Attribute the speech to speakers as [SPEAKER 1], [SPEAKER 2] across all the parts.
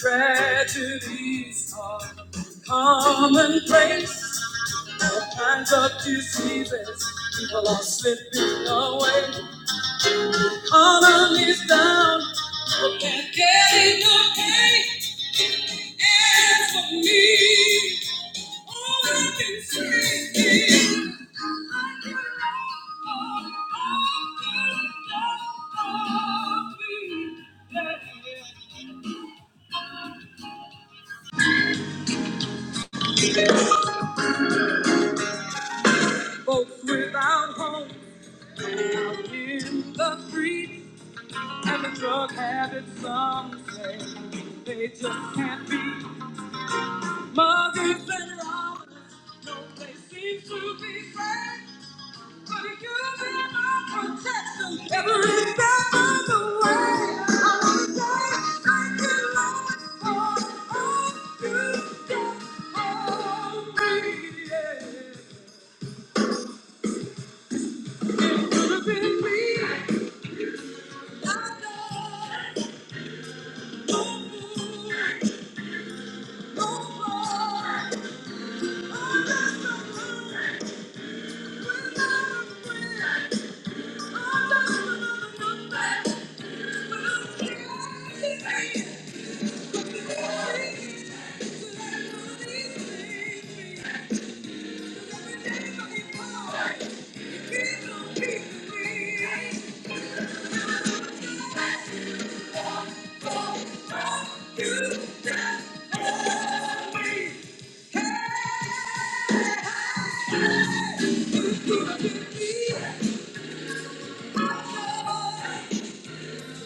[SPEAKER 1] Tragedies are commonplace. All kinds of diseases. People are slipping away. Economy's down. People can't get enough pay. And for me, all I can say is mm, yeah. folks without homes out in the streets and the drug habits some say they just can't be Mother's been around, no place seems to be safe. But if you've been my protection, every step of the way, I want to say thank you, Lord, for all you've done for me. Yeah. It could have been me. I know, no more, no more. I'm not the one without a friend. Hey!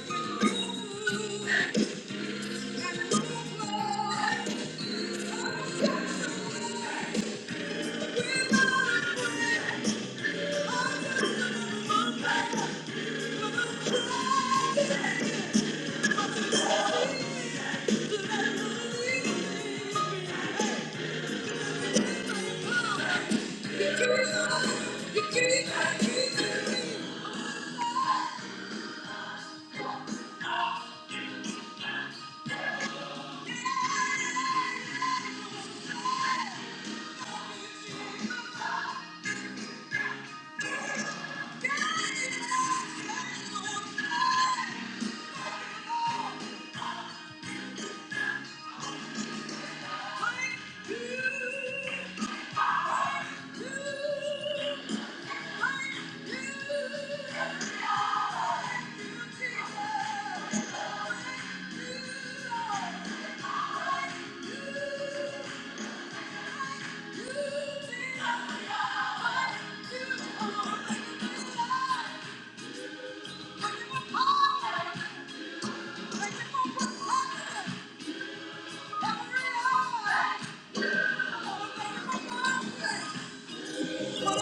[SPEAKER 1] Thank you. Thank you. Thank you.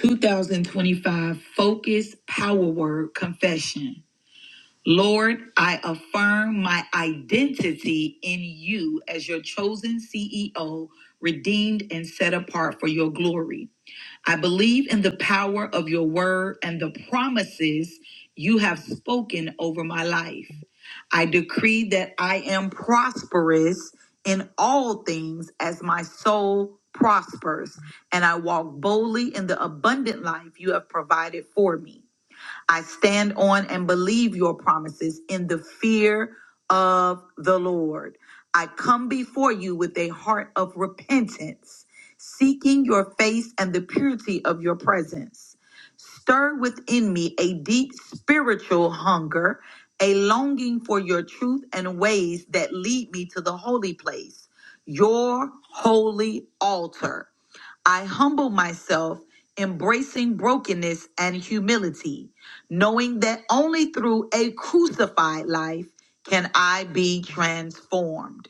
[SPEAKER 1] 2025 Focus Power Word Confession. Lord, I affirm my identity in you as your chosen CEO, redeemed and set apart for your glory. I believe in the power of your word and the promises you have spoken over my life. I decree that I am prosperous in all things as my soul prospers, and I walk boldly in the abundant life you have provided for me. I stand on and believe your promises in the fear of the Lord. I come before you with a heart of repentance, seeking your face and the purity of your presence. Stir within me a deep spiritual hunger, a longing for your truth and ways that lead me to the holy place, your holy altar. I humble myself, embracing brokenness and humility knowing that only through a crucified life can I be transformed.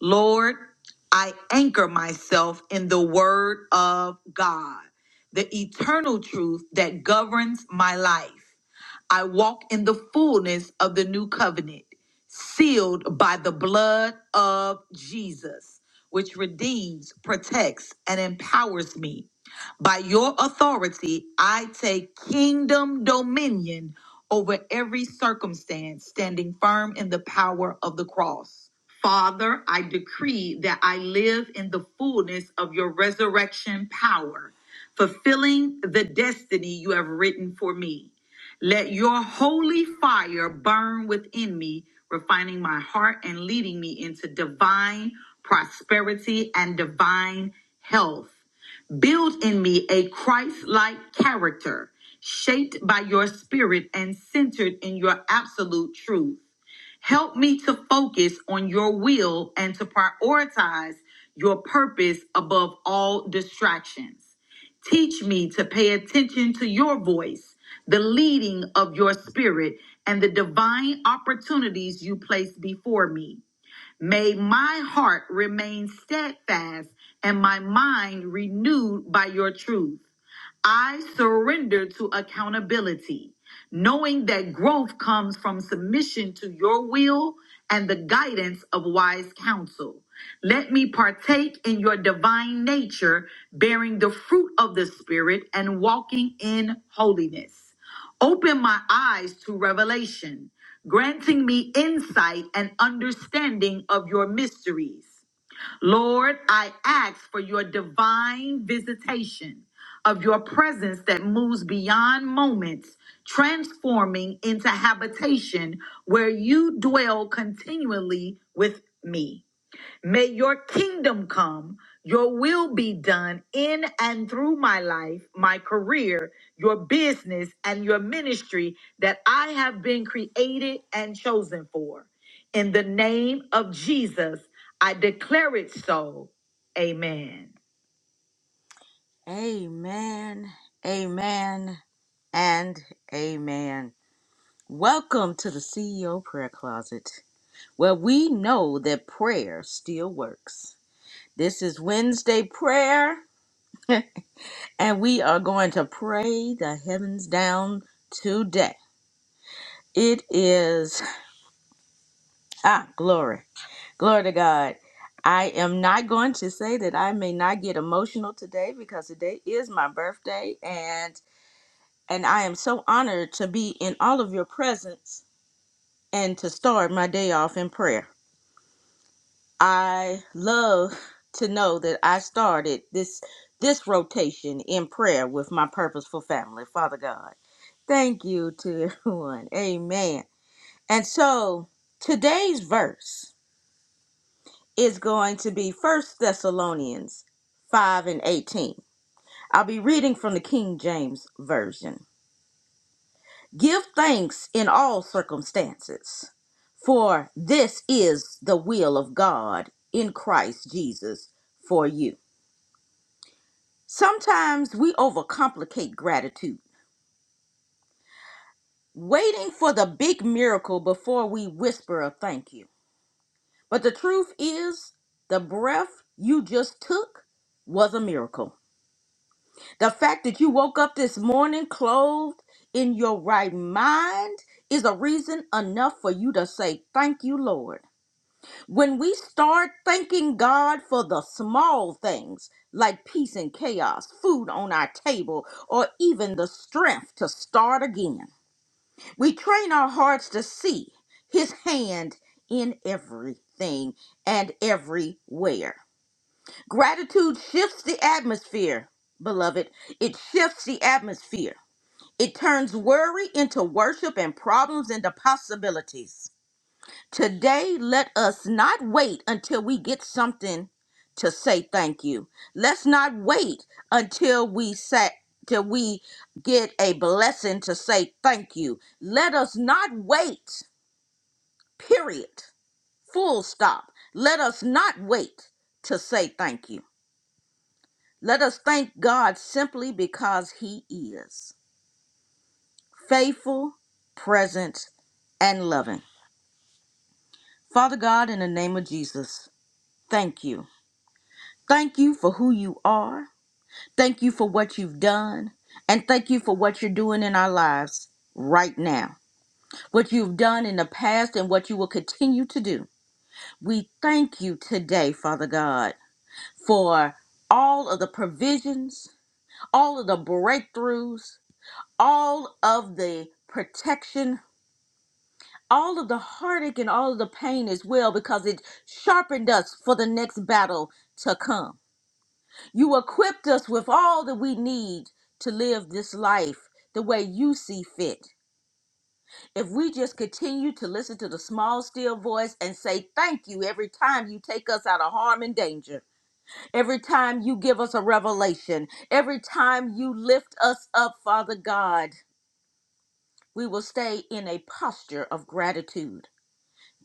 [SPEAKER 1] Lord, I anchor myself in the Word of God, the eternal truth that governs my life. I walk in the fullness of the new covenant, sealed by the blood of Jesus, which redeems, protects, and empowers me. By your authority, I take kingdom dominion over every circumstance, standing firm in the power of the cross. Father, I decree that I live in the fullness of your resurrection power, fulfilling the destiny you have written for me. Let your holy fire burn within me, refining my heart and leading me into divine prosperity and divine health. Build in me a Christ like character, shaped by your spirit and centered in your absolute truth. Help me to focus on your will and to prioritize your purpose above all distractions. Teach me to pay attention to your voice, the leading of your spirit, and the divine opportunities you place before me. May my heart remain steadfast and my mind renewed by your truth. I surrender to accountability, knowing that growth comes from submission to your will and the guidance of wise counsel. Let me partake in your divine nature, bearing the fruit of the Spirit and walking in holiness. Open my eyes to revelation, granting me insight and understanding of your mysteries. Lord, I ask for your divine visitation of your presence that moves beyond moments, transforming into habitation where you dwell continually with me. May your kingdom come, your will be done in and through my life, my career, your business, and your ministry that I have been created and chosen for. In the name of Jesus, I declare it so. Amen. Amen, amen, and amen. Welcome to the CEO Prayer Closet, where we know that prayer still works. This is Wednesday prayer, and we are going to pray the heavens down today. It is, ah, glory. Glory to God. I am not going to say that I may not get emotional today because today is my birthday and and I am so honored to be in all of your presence and to start my day off in prayer. I love to know that I started this this rotation in prayer with my purposeful family. Father God, thank you to everyone. Amen. And so today's verse is going to be First Thessalonians 5 and 18. I'll be reading from the King James Version. Give thanks in all circumstances, for this is the will of God in Christ Jesus for you. Sometimes we overcomplicate gratitude, waiting for the big miracle before we whisper a thank you. But the truth is, the breath you just took was a miracle. The fact that you woke up this morning clothed in your right mind is a reason enough for you to say thank you, Lord. When we start thanking God for the small things like peace and chaos, food on our table, or even the strength to start again, we train our hearts to see His hand in everything and everywhere. Gratitude shifts the atmosphere, beloved. It shifts the atmosphere. It turns worry into worship and problems into possibilities. Today, let us not wait until we get something to say thank you. Let's not wait until we say till we get a blessing to say thank you. Let us not wait. Period. Full stop. Let us not wait to say thank you. Let us thank God simply because he is faithful, present, and loving. Father God, in the name of Jesus, thank you. Thank you for who you are. Thank you for what you've done. And thank you for what you're doing in our lives right now. What you've done in the past and what you will continue to do. We thank you today, Father God, for all of the provisions, all of the breakthroughs, all of the protection, all of the heartache and all of the pain as well, because it sharpened us for the next battle to come. You equipped us with all that we need to live this life the way you see fit. If we just continue to listen to the small, still voice and say thank you every time you take us out of harm and danger, every time you give us a revelation, every time you lift us up, Father God, we will stay in a posture of gratitude.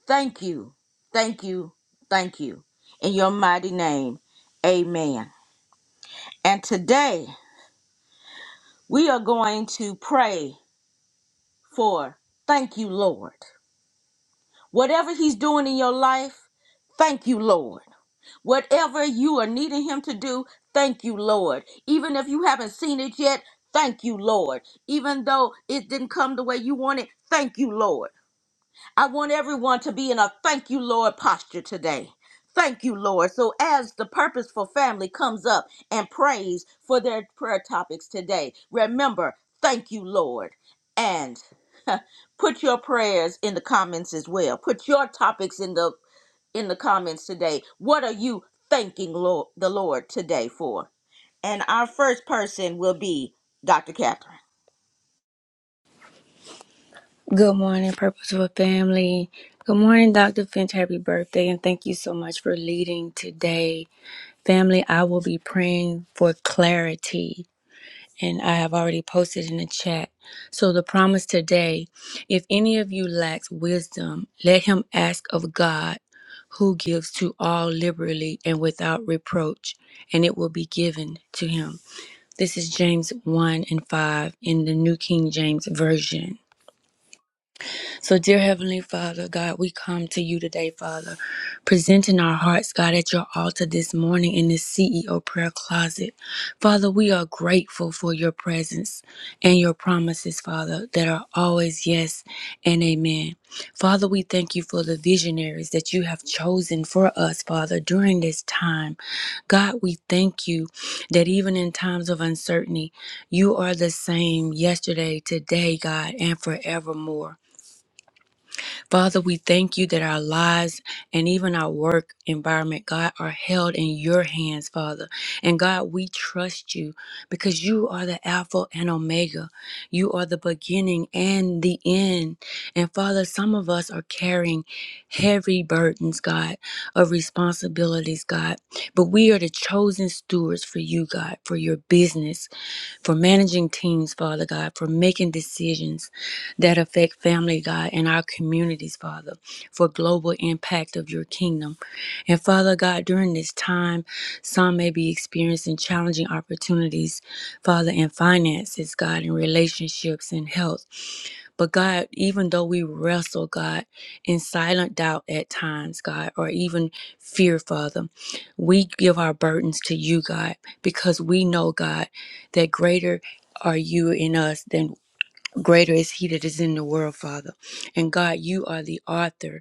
[SPEAKER 1] Thank you, thank you, thank you. In your mighty name, amen. And today we are going to pray for thank you, Lord. Whatever He's doing in your life, thank you, Lord. Whatever you are needing Him to do, thank you, Lord. Even if you haven't seen it yet, thank you, Lord. Even though it didn't come the way you wanted, thank you, Lord. I want everyone to be in a thank you, Lord posture today. Thank you, Lord. So, as the purposeful family comes up and prays for their prayer topics today, remember, thank you, Lord, and Put your prayers in the comments as well. Put your topics in the in the comments today. What are you thanking Lord, the Lord today for? And our first person will be Dr. Catherine.
[SPEAKER 2] Good morning, Purposeful Family. Good morning, Dr. Finch. Happy birthday, and thank you so much for leading today. Family, I will be praying for clarity, and I have already posted in the chat. So, the promise today if any of you lacks wisdom, let him ask of God, who gives to all liberally and without reproach, and it will be given to him. This is James 1 and 5 in the New King James Version. So, dear Heavenly Father, God, we come to you today, Father, presenting our hearts, God, at your altar this morning in this CEO prayer closet. Father, we are grateful for your presence and your promises, Father, that are always yes and amen. Father, we thank you for the visionaries that you have chosen for us, Father, during this time. God, we thank you that even in times of uncertainty, you are the same yesterday, today, God, and forevermore. Father, we thank you that our lives and even our work environment, God, are held in your hands, Father. And God, we trust you because you are the Alpha and Omega. You are the beginning and the end. And Father, some of us are carrying heavy burdens, God, of responsibilities, God. But we are the chosen stewards for you, God, for your business for managing teams, Father God, for making decisions that affect family, God, and our communities, Father, for global impact of your kingdom. And Father God, during this time, some may be experiencing challenging opportunities, Father, in finances, God, in relationships and health. But God, even though we wrestle, God, in silent doubt at times, God, or even fear, Father, we give our burdens to you, God, because we know, God, that greater are you in us than greater is he that is in the world, Father. And God, you are the author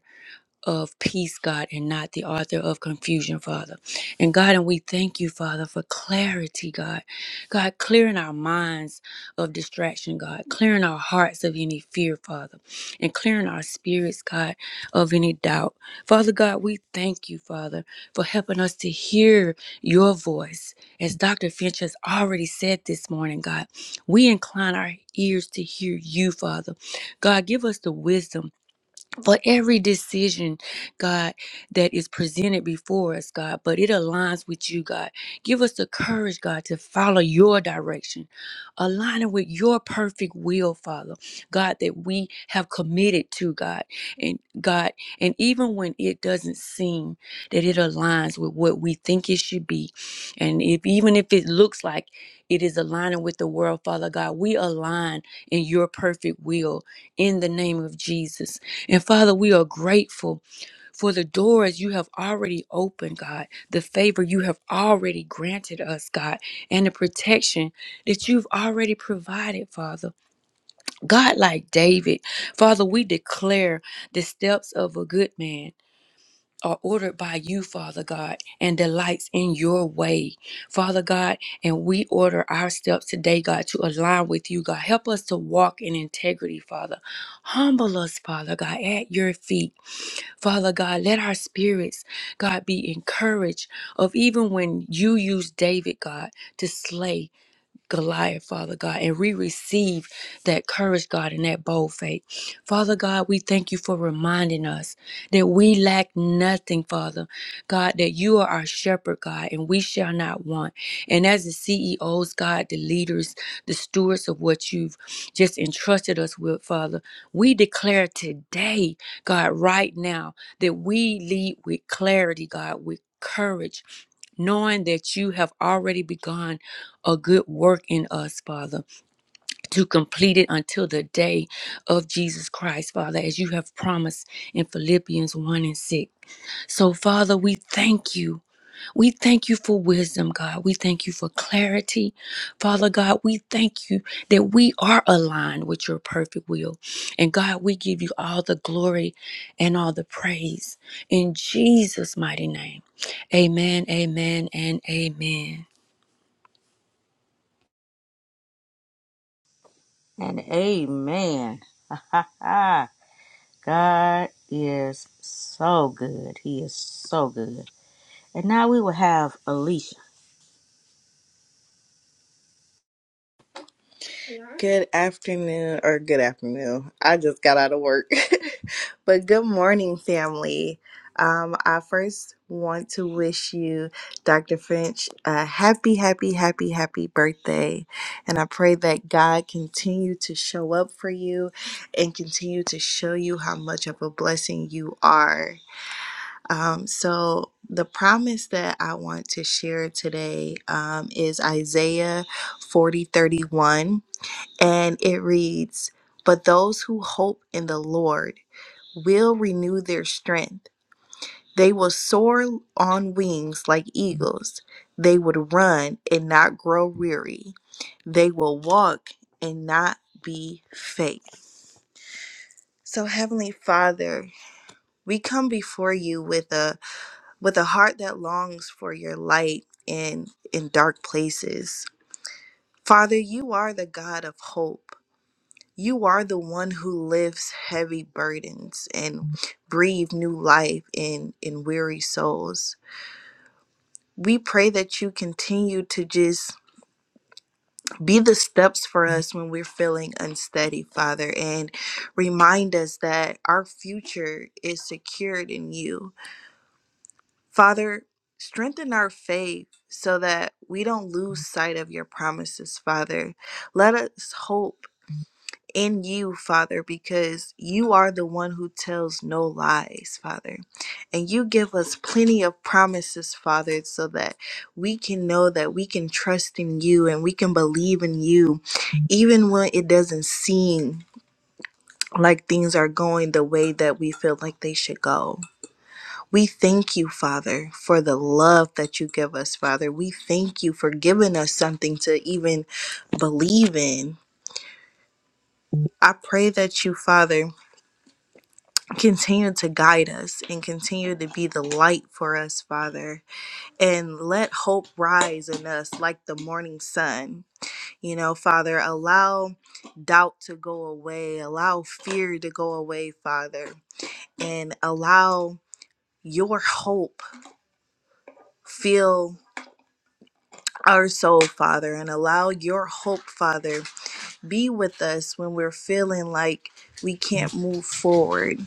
[SPEAKER 2] of peace, God, and not the author of confusion, Father. And God, and we thank you, Father, for clarity, God. God, clearing our minds of distraction, God, clearing our hearts of any fear, Father, and clearing our spirits, God, of any doubt. Father God, we thank you, Father, for helping us to hear your voice. As Dr. Finch has already said this morning, God, we incline our ears to hear you, Father. God, give us the wisdom for every decision, God, that is presented before us, God, but it aligns with you, God. Give us the courage, God, to follow your direction, aligning with your perfect will, Father, God, that we have committed to, God. And God, and even when it doesn't seem that it aligns with what we think it should be, and if even if it looks like it is aligning with the world, Father God, we align in your perfect will in the name of Jesus. And Father, we are grateful for the doors you have already opened, God, the favor you have already granted us, God, and the protection that you've already provided, Father. God, like David, Father, we declare the steps of a good man. Are ordered by you, Father God, and delights in your way, Father God. And we order our steps today, God, to align with you, God. Help us to walk in integrity, Father. Humble us, Father God, at your feet Father God, let our spirits, God, be encouraged of even when you used David, God, to slay. Goliath, Father God, and we receive that courage, God, and that bold faith. Father God, we thank you for reminding us that we lack nothing, Father God, that you are our shepherd, God, and we shall not want. And as the CEOs, God, the leaders, the stewards of what you've just entrusted us with, Father, we declare today, God, right now, that we lead with clarity, God, with courage knowing that you have already begun a good work in us, Father, to complete it until the day of Jesus Christ, Father, as you have promised in Philippians 1 and 6. So, Father, we thank you. We thank you for wisdom, God. We thank you for clarity, Father God. We thank you that we are aligned with your perfect will. And God, we give you all the glory and all the praise in Jesus' mighty name. Amen, amen, and amen.
[SPEAKER 1] And amen. God is so good. He is so good. And now we will have Alicia.
[SPEAKER 3] Good afternoon, or good afternoon. I just got out of work. but good morning, family. Um, I first want to wish you, Dr. Finch, a happy, happy, happy, happy birthday. And I pray that God continue to show up for you and continue to show you how much of a blessing you are. Um, so, the promise that I want to share today um, is Isaiah forty thirty one and it reads, But those who hope in the Lord will renew their strength. They will soar on wings like eagles. They would run and not grow weary. They will walk and not be faint. So heavenly Father, we come before you with a with a heart that longs for your light in in dark places. Father, you are the God of hope. You are the one who lifts heavy burdens and breathe new life in in weary souls. We pray that you continue to just be the steps for us when we're feeling unsteady, Father, and remind us that our future is secured in you. Father, strengthen our faith so that we don't lose sight of your promises, Father. Let us hope in you, Father, because you are the one who tells no lies, Father. And you give us plenty of promises, Father, so that we can know that we can trust in you and we can believe in you, even when it doesn't seem like things are going the way that we feel like they should go. We thank you, Father, for the love that you give us, Father. We thank you for giving us something to even believe in. I pray that you, Father, Continue to guide us and continue to be the light for us, Father. And let hope rise in us like the morning sun. You know, Father, allow doubt to go away, allow fear to go away, Father, and allow your hope fill our soul, Father, and allow your hope, Father, be with us when we're feeling like we can't move forward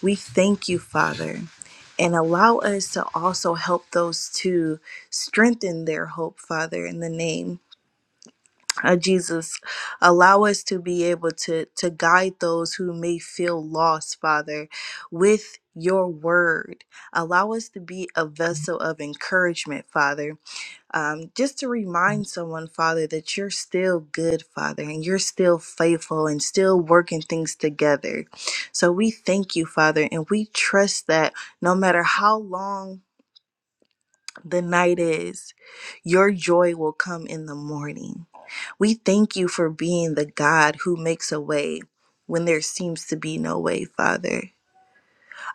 [SPEAKER 3] We thank you, Father, and allow us to also help those to strengthen their hope, Father, in the name of Jesus. Allow us to be able to, to guide those who may feel lost, Father, with your word. Allow us to be a vessel of encouragement, Father um, just to remind someone, Father, that you're still good, Father, and you're still faithful and still working things together. So we thank you, Father, and we trust that no matter how long the night is, your joy will come in the morning. We thank you for being the God who makes a way when there seems to be no way, Father.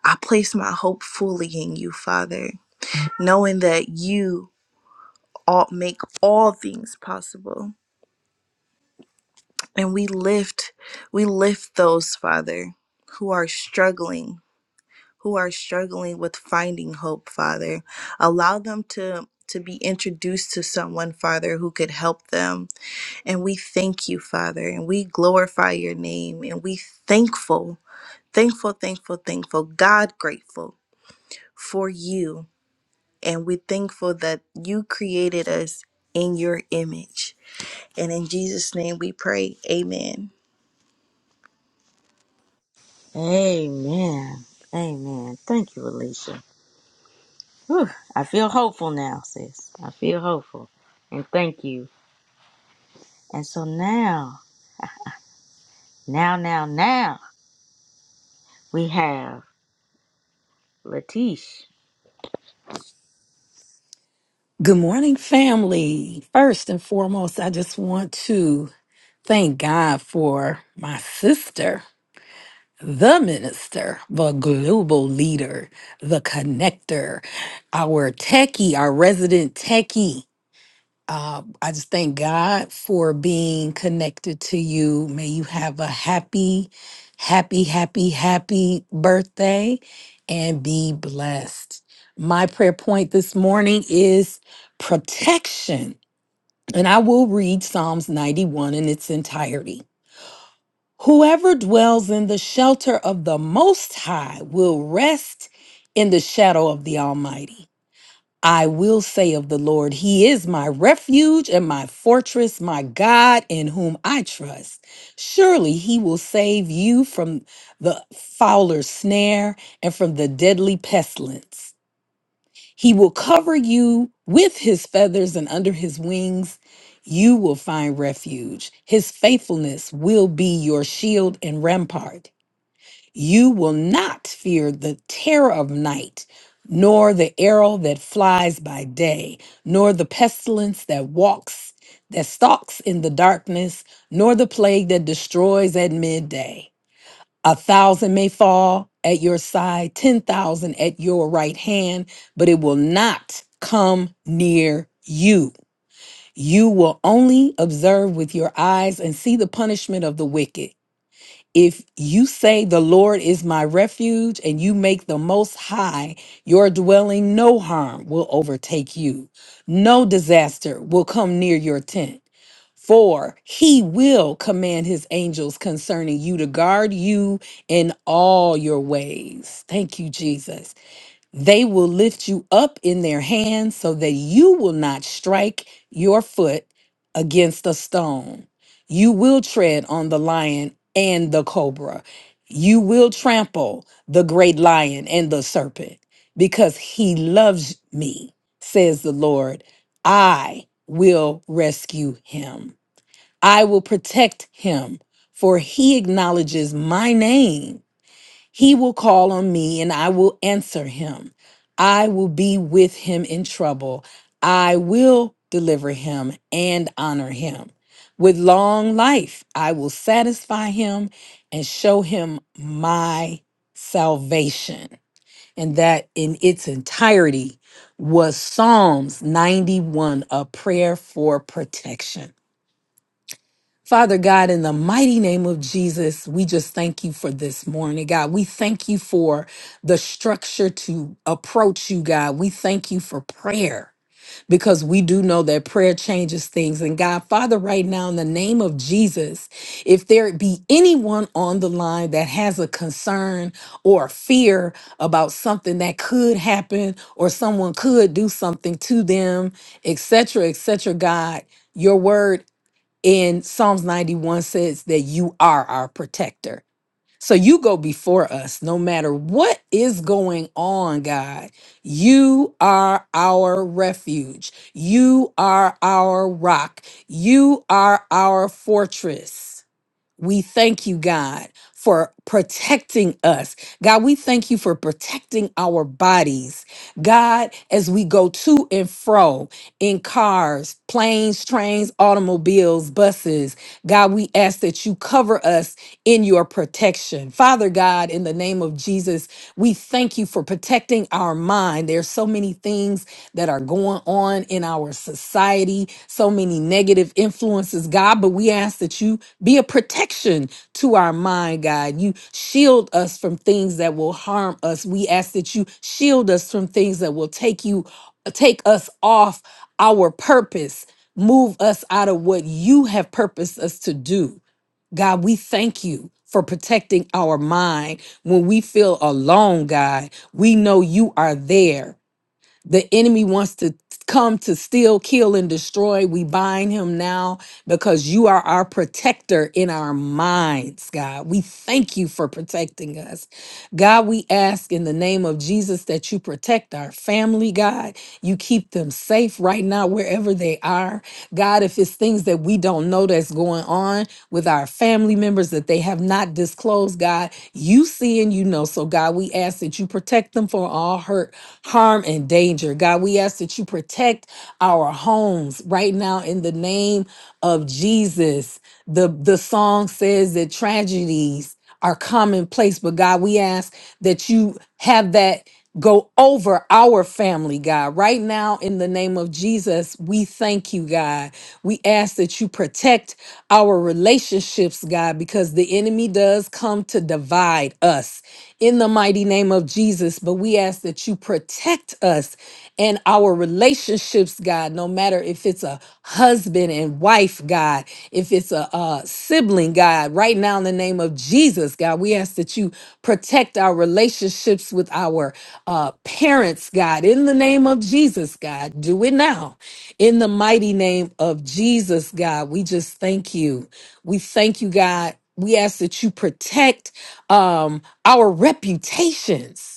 [SPEAKER 3] I place my hope fully in you, Father, knowing that you all make all things possible. And we lift, we lift those, Father, who are struggling, who are struggling with finding hope, Father. Allow them to to be introduced to someone, Father, who could help them. And we thank you, Father, and we glorify your name, and we thankful, thankful, thankful, thankful, God grateful for you. And we're thankful that you created us in your image. And in Jesus' name we pray. Amen.
[SPEAKER 1] Amen. Amen. Thank you, Alicia. Whew. I feel hopeful now, sis. I feel hopeful. And thank you. And so now, now, now, now, we have Latish.
[SPEAKER 4] Good morning, family. First and foremost, I just want to thank God for my sister, the minister, the global leader, the connector, our techie, our resident techie. Uh, I just thank God for being connected to you. May you have a happy, happy, happy, happy birthday and be blessed. My prayer point this morning is protection and I will read Psalms 91 in its entirety. Whoever dwells in the shelter of the Most High will rest in the shadow of the Almighty. I will say of the Lord, He is my refuge and my fortress, my God in whom I trust. Surely He will save you from the fowler's snare and from the deadly pestilence. He will cover you with his feathers, and under his wings you will find refuge. His faithfulness will be your shield and rampart. You will not fear the terror of night, nor the arrow that flies by day, nor the pestilence that walks, that stalks in the darkness, nor the plague that destroys at midday. A thousand may fall at your side, 10,000 at your right hand, but it will not come near you. You will only observe with your eyes and see the punishment of the wicked. If you say the Lord is my refuge and you make the most high your dwelling, no harm will overtake you. No disaster will come near your tent. For he will command his angels concerning you to guard you in all your ways. Thank you, Jesus. They will lift you up in their hands so that you will not strike your foot against a stone. You will tread on the lion and the cobra. You will trample the great lion and the serpent because he loves me, says the Lord. I will rescue him. I will protect him, for he acknowledges my name. He will call on me and I will answer him. I will be with him in trouble. I will deliver him and honor him. With long life, I will satisfy him and show him my salvation. And that in its entirety was Psalms 91, a prayer for protection. Father God, in the mighty name of Jesus, we just thank you for this morning, God. We thank you for the structure to approach you, God. We thank you for prayer because we do know that prayer changes things. And God, Father, right now, in the name of Jesus, if there be anyone on the line that has a concern or a fear about something that could happen or someone could do something to them, etc., etc., God, your word in Psalms 91 says that you are our protector. So you go before us no matter what is going on, God. You are our refuge. You are our rock. You are our fortress. We thank you, God, for protecting us. God, we thank you for protecting our bodies. God, as we go to and fro in cars, planes, trains, automobiles, buses, God, we ask that you cover us in your protection. Father God, in the name of Jesus, we thank you for protecting our mind. There's so many things that are going on in our society, so many negative influences, God. But we ask that you be a protection to our mind, God. You shield us from things that will harm us. We ask that you shield us from things that will take you take us off our purpose, move us out of what you have purposed us to do. God, we thank you for protecting our mind. When we feel alone, God, we know you are there the enemy wants to come to steal, kill, and destroy. We bind him now because you are our protector in our minds, God. We thank you for protecting us. God, we ask in the name of Jesus that you protect our family, God. You keep them safe right now, wherever they are. God, if it's things that we don't know that's going on, with our family members that they have not disclosed, God. You see and you know. So, God, we ask that you protect them from all hurt, harm, and danger. God, we ask that you protect our homes right now in the name of Jesus. The, the song says that tragedies are commonplace. But God, we ask that you have that go over our family, God. Right now, in the name of Jesus, we thank you, God. We ask that you protect our relationships, God, because the enemy does come to divide us in the mighty name of Jesus. But we ask that you protect us and our relationships, God, no matter if it's a husband and wife, God, if it's a, uh sibling, God, right now in the name of Jesus, God, we ask that you protect our relationships with our uh, parents, God, in the name of Jesus, God. Do it now. In the mighty name of Jesus, God, we just thank you. We thank you, God. We ask that you protect um, our reputations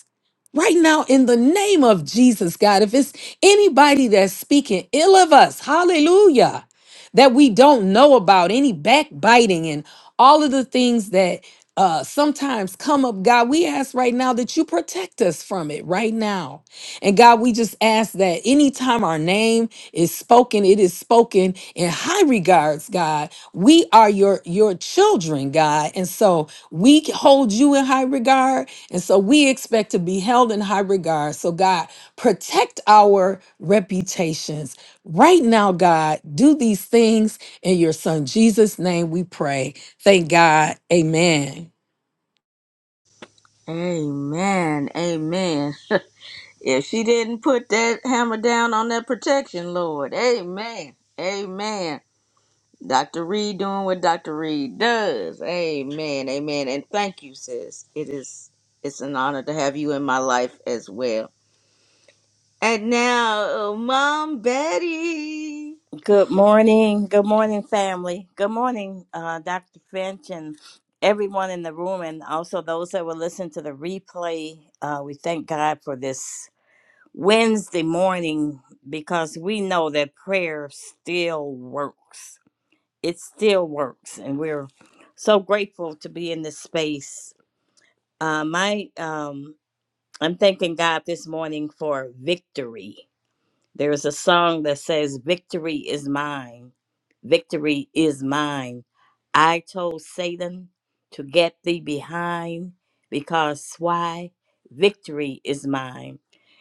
[SPEAKER 4] Right now, in the name of Jesus, God, if it's anybody that's speaking ill of us, hallelujah, that we don't know about, any backbiting and all of the things that uh, sometimes come up, God, we ask right now that you protect us from it right now. And God, we just ask that anytime our name is spoken, it is spoken in high regards, God. We are your your children, God. And so we hold you in high regard and so we expect to be held in high regard. So, God, protect our reputations. Right now, God, do these things in your son Jesus' name we pray. Thank God. Amen.
[SPEAKER 1] Amen. Amen. if she didn't put that hammer down on that protection, Lord. Amen. Amen. Dr. Reed doing what Dr. Reed does. Amen. Amen. And thank you, sis. It is it's an honor to have you in my life as well. And now, uh, Mom Betty.
[SPEAKER 5] Good morning. Good morning, family. Good morning, uh, Dr. Finch and everyone in the room, and also those that will listen to the replay. Uh, we thank God for this Wednesday morning because we know that prayer still works. It still works, and we're so grateful to be in this space. Uh, my, um, I'm thanking God this morning for victory there is a song that says, Victory is mine. Victory is mine. I told Satan to get thee behind because why? Victory is mine.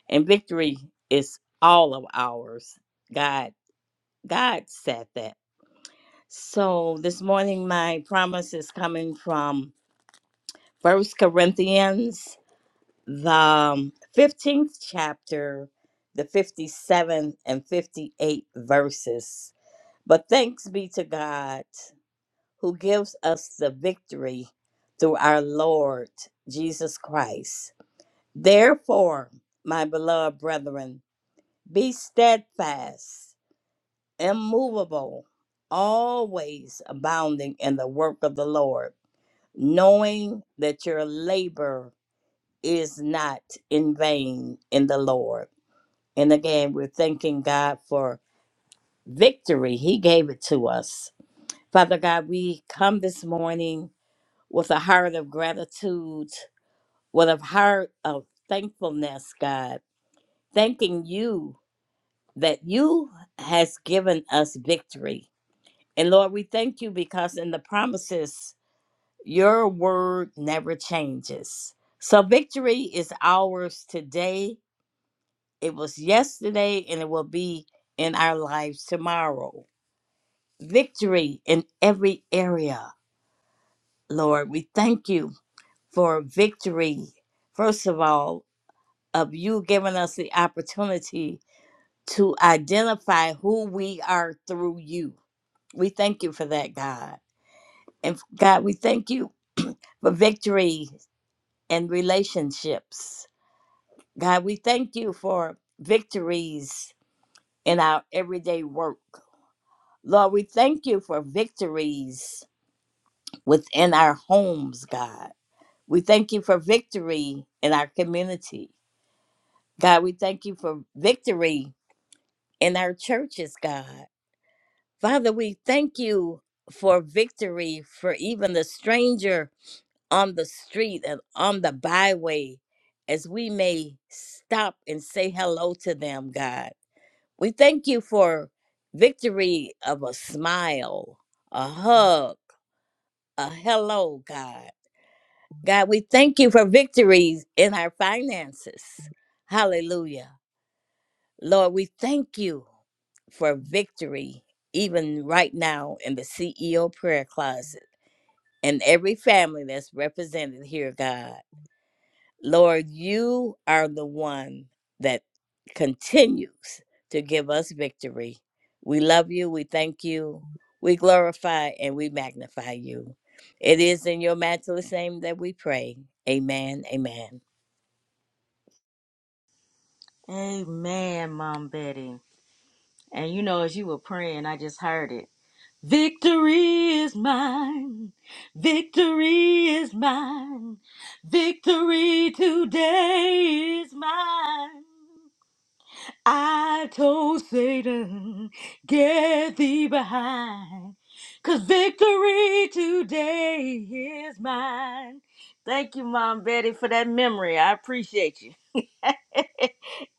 [SPEAKER 5] And victory is all of ours. God, God said that. So this morning, my promise is coming from First Corinthians the um, 15th chapter, the 57th and fifty eighth verses. But thanks be to God who gives us the victory through our Lord Jesus Christ. Therefore, my beloved brethren, be steadfast, immovable, always abounding in the work of the Lord, knowing that your labor is not in vain in the Lord. And again, we're thanking God for victory. He gave it to us. Father God, we come this morning with a heart of gratitude, with a heart of thankfulness, God, thanking you that you has given us victory. And Lord, we thank you because in the promises, your word never changes. So victory is ours today. It was yesterday and it will be in our lives tomorrow. victory in every area, Lord. We thank you for victory, first of all, of you giving us the opportunity to identify who we are through you. We thank you for that, God. And God, we thank you for victory in relationships. God, we thank you for victories in our everyday work. Lord, we thank you for victories within our homes, God. We thank you for victory in our community. God, we thank you for victory in our churches, God. Father, we thank you for victory for even the stranger on the street and on the byway as we may stop and say hello to them, God. We thank you for victory of a smile, a hug, a hello, God. God, we thank you for victories in our finances. Hallelujah. Lord, we thank you for victory even right now in the CEO prayer closet and every family that's represented here, God. Lord, you are the one that continues to give us victory. We love you. We thank you. We glorify and we magnify you. It is in your matchless name that we pray. Amen. Amen.
[SPEAKER 1] Amen, Mom Betty. And you know, as you were praying, I just heard it. Victory is mine. Victory is mine. Victory today is mine. I told Satan, get thee behind!" 'Cause victory today is mine. Thank you, Mom Betty, for that memory. I appreciate you.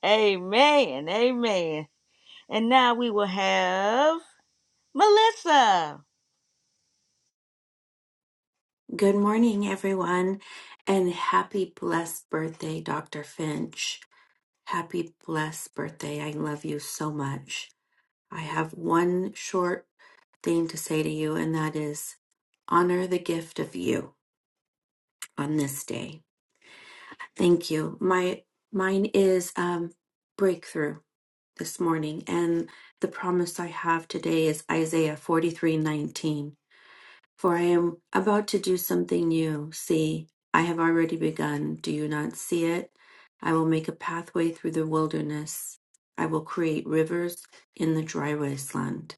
[SPEAKER 1] amen. Amen. And now we will have Melissa.
[SPEAKER 6] Good morning, everyone, and happy blessed birthday, Dr. Finch. Happy blessed birthday. I love you so much. I have one short thing to say to you, and that is honor the gift of you on this day. Thank you. My mine is um breakthrough this morning, and the promise I have today is Isaiah 43:19. For I am about to do something new. See, I have already begun. Do you not see it? I will make a pathway through the wilderness. I will create rivers in the dry wasteland.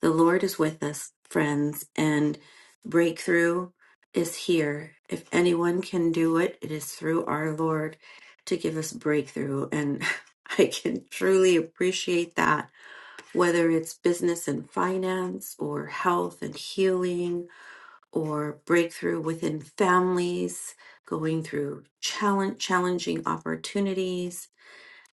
[SPEAKER 6] The Lord is with us, friends, and breakthrough is here. If anyone can do it, it is through our Lord to give us breakthrough. And I can truly appreciate that, whether it's business and finance or health and healing or breakthrough within families, going through challenge, challenging opportunities,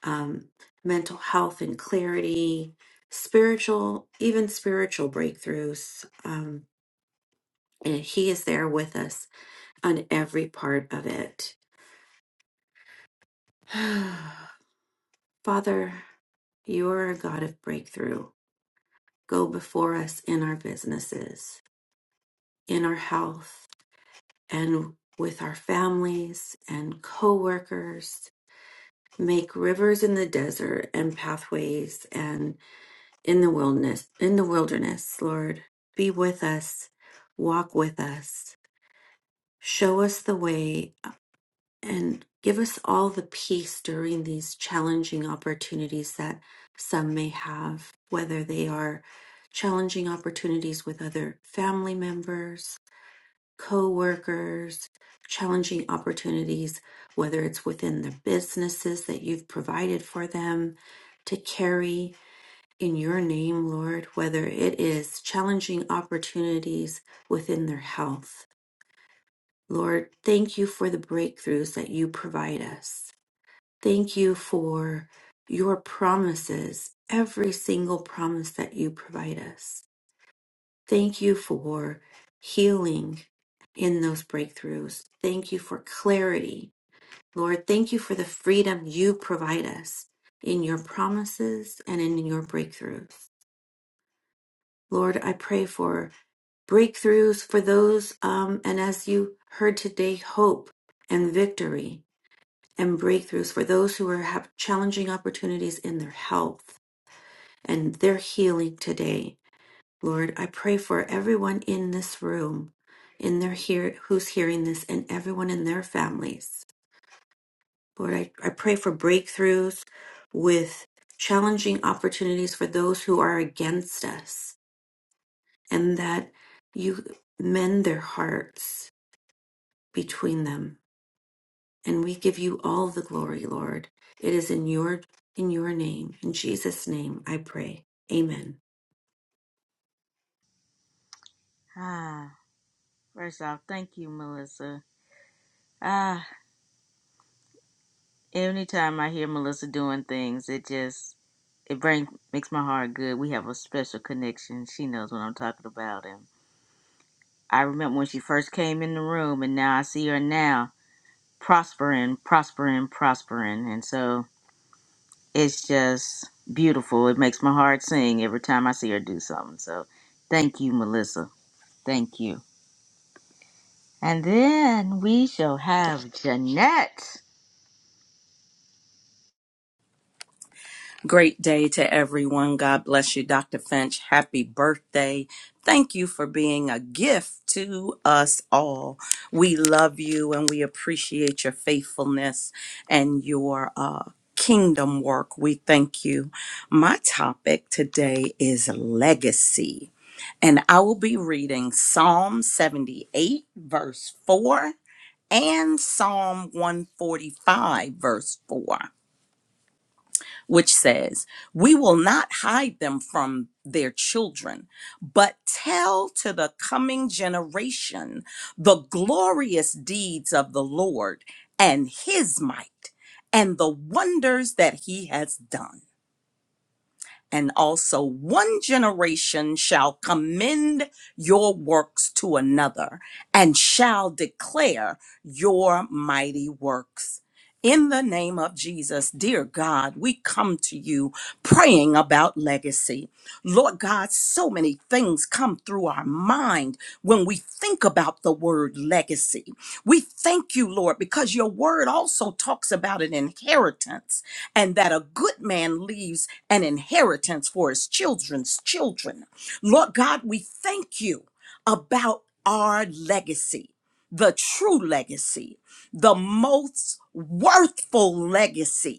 [SPEAKER 6] um, mental health and clarity, spiritual, even spiritual breakthroughs. Um, and He is there with us on every part of it. Father, you are a God of breakthrough. Go before us in our businesses, in our health, and with our families and coworkers make rivers in the desert and pathways and in the wilderness in the wilderness lord be with us walk with us show us the way and give us all the peace during these challenging opportunities that some may have whether they are challenging opportunities with other family members coworkers, challenging opportunities, whether it's within the businesses that you've provided for them to carry in your name, Lord, whether it is challenging opportunities within their health. Lord, thank you for the breakthroughs that you provide us. Thank you for your promises, every single promise that you provide us. Thank you for healing in those breakthroughs. Thank you for clarity. Lord, thank you for the freedom you provide us in your promises and in your breakthroughs. Lord, I pray for breakthroughs for those, um, and as you heard today, hope and victory and breakthroughs for those who are have challenging opportunities in their health and their healing today. Lord, I pray for everyone in this room, in their hear who's hearing this, and everyone in their families. Lord, I, I pray for breakthroughs with challenging opportunities for those who are against us, and that you mend their hearts between them. And we give you all the glory, Lord. It is in your in your name, in Jesus' name, I pray. Amen.
[SPEAKER 1] Ah. First off, thank you, Melissa. Ah, anytime I hear Melissa doing things, it just it brings makes my heart good. We have a special connection. She knows what I'm talking about, and I remember when she first came in the room, and now I see her now prospering, prospering, prospering, and so it's just beautiful. It makes my heart sing every time I see her do something. So, thank you, Melissa. Thank you. And then we shall have Jeanette.
[SPEAKER 7] Great day to everyone. God bless you, Dr. Finch. Happy birthday. Thank you for being a gift to us all. We love you and we appreciate your faithfulness and your uh, kingdom work. We thank you. My topic today is legacy, and I will be reading Psalm 78, verse 4, and Psalm 145, verse 4 which says, We will not hide them from their children, but tell to the coming generation the glorious deeds of the Lord and his might and the wonders that he has done and also one generation shall commend your works to another and shall declare your mighty works. In the name of Jesus, dear God, we come to you praying about legacy. Lord God, so many things come through our mind when we think about the word legacy. We thank you, Lord, because your word also talks about an inheritance and that a good man leaves an inheritance for his children's children. Lord God, we thank you about our legacy, the true legacy, the most worthful legacy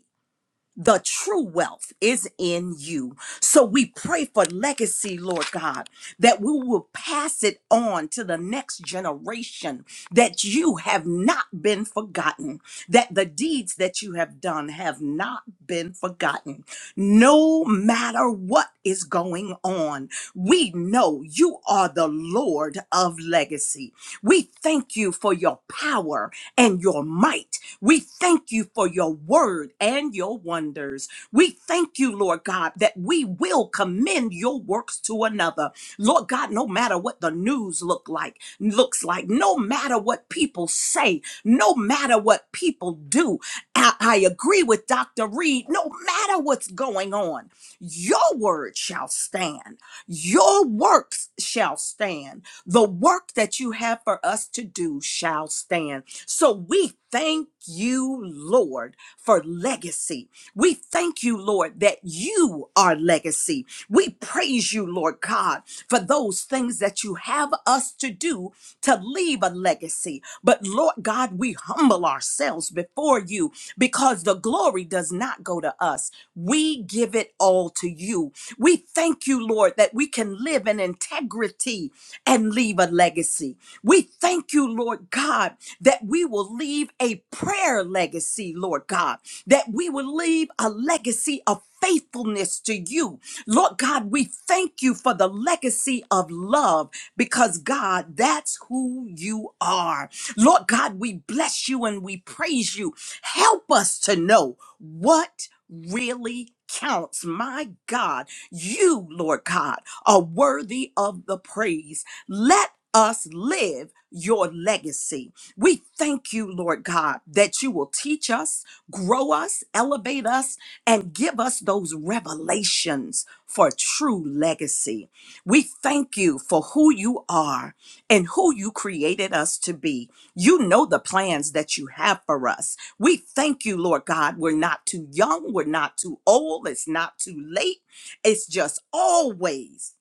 [SPEAKER 7] the true wealth is in you. So we pray for legacy, Lord God, that we will pass it on to the next generation, that you have not been forgotten, that the deeds that you have done have not been forgotten. No matter what is going on, we know you are the Lord of legacy. We thank you for your power and your might we thank you for your word and your wonders. We thank you, Lord God, that we will commend your works to another. Lord God, no matter what the news look like, looks like, no matter what people say, no matter what people do. I, I agree with Dr. Reed. No matter what's going on, your word shall stand. Your works shall stand. The work that you have for us to do shall stand. So we thank you, Lord, for legacy. We thank you, Lord, that you are legacy. We praise you, Lord God, for those things that you have us to do to leave a legacy. But Lord God, we humble ourselves before you because the glory does not go to us. We give it all to you. We thank you, Lord, that we can live in integrity and leave a legacy. We thank you, Lord God that we will leave a prayer legacy, Lord God, that we will leave a legacy of faithfulness to you. Lord God, we thank you for the legacy of love because, God, that's who you are. Lord God, we bless you and we praise you. Help us to know what really counts. My God, you, Lord God, are worthy of the praise. Let us live your legacy. We thank you, Lord God, that you will teach us, grow us, elevate us, and give us those revelations for true legacy. We thank you for who you are and who you created us to be. You know the plans that you have for us. We thank you, Lord God. We're not too young, we're not too old, it's not too late. It's just always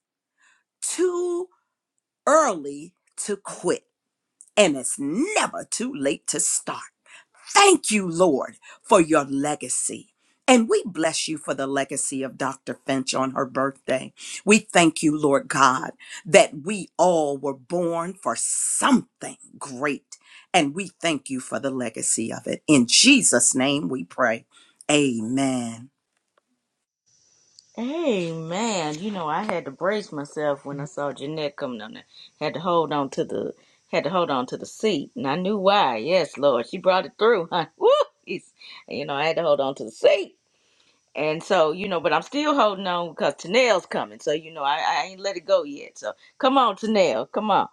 [SPEAKER 7] too early to quit, and it's never too late to start. Thank you, Lord, for your legacy. And we bless you for the legacy of Dr. Finch on her birthday. We thank you, Lord God, that we all were born for something great. And we thank you for the legacy of it. In Jesus' name we pray. Amen.
[SPEAKER 1] Hey man, you know I had to brace myself when I saw Jeanette coming on there. Had to hold on to the had to hold on to the seat, and I knew why. Yes, Lord, she brought it through, huh? Woo! It's- You know I had to hold on to the seat, and so you know, but I'm still holding on because Tanel's coming. So you know I, I ain't let it go yet. So come on, Tanel, come on.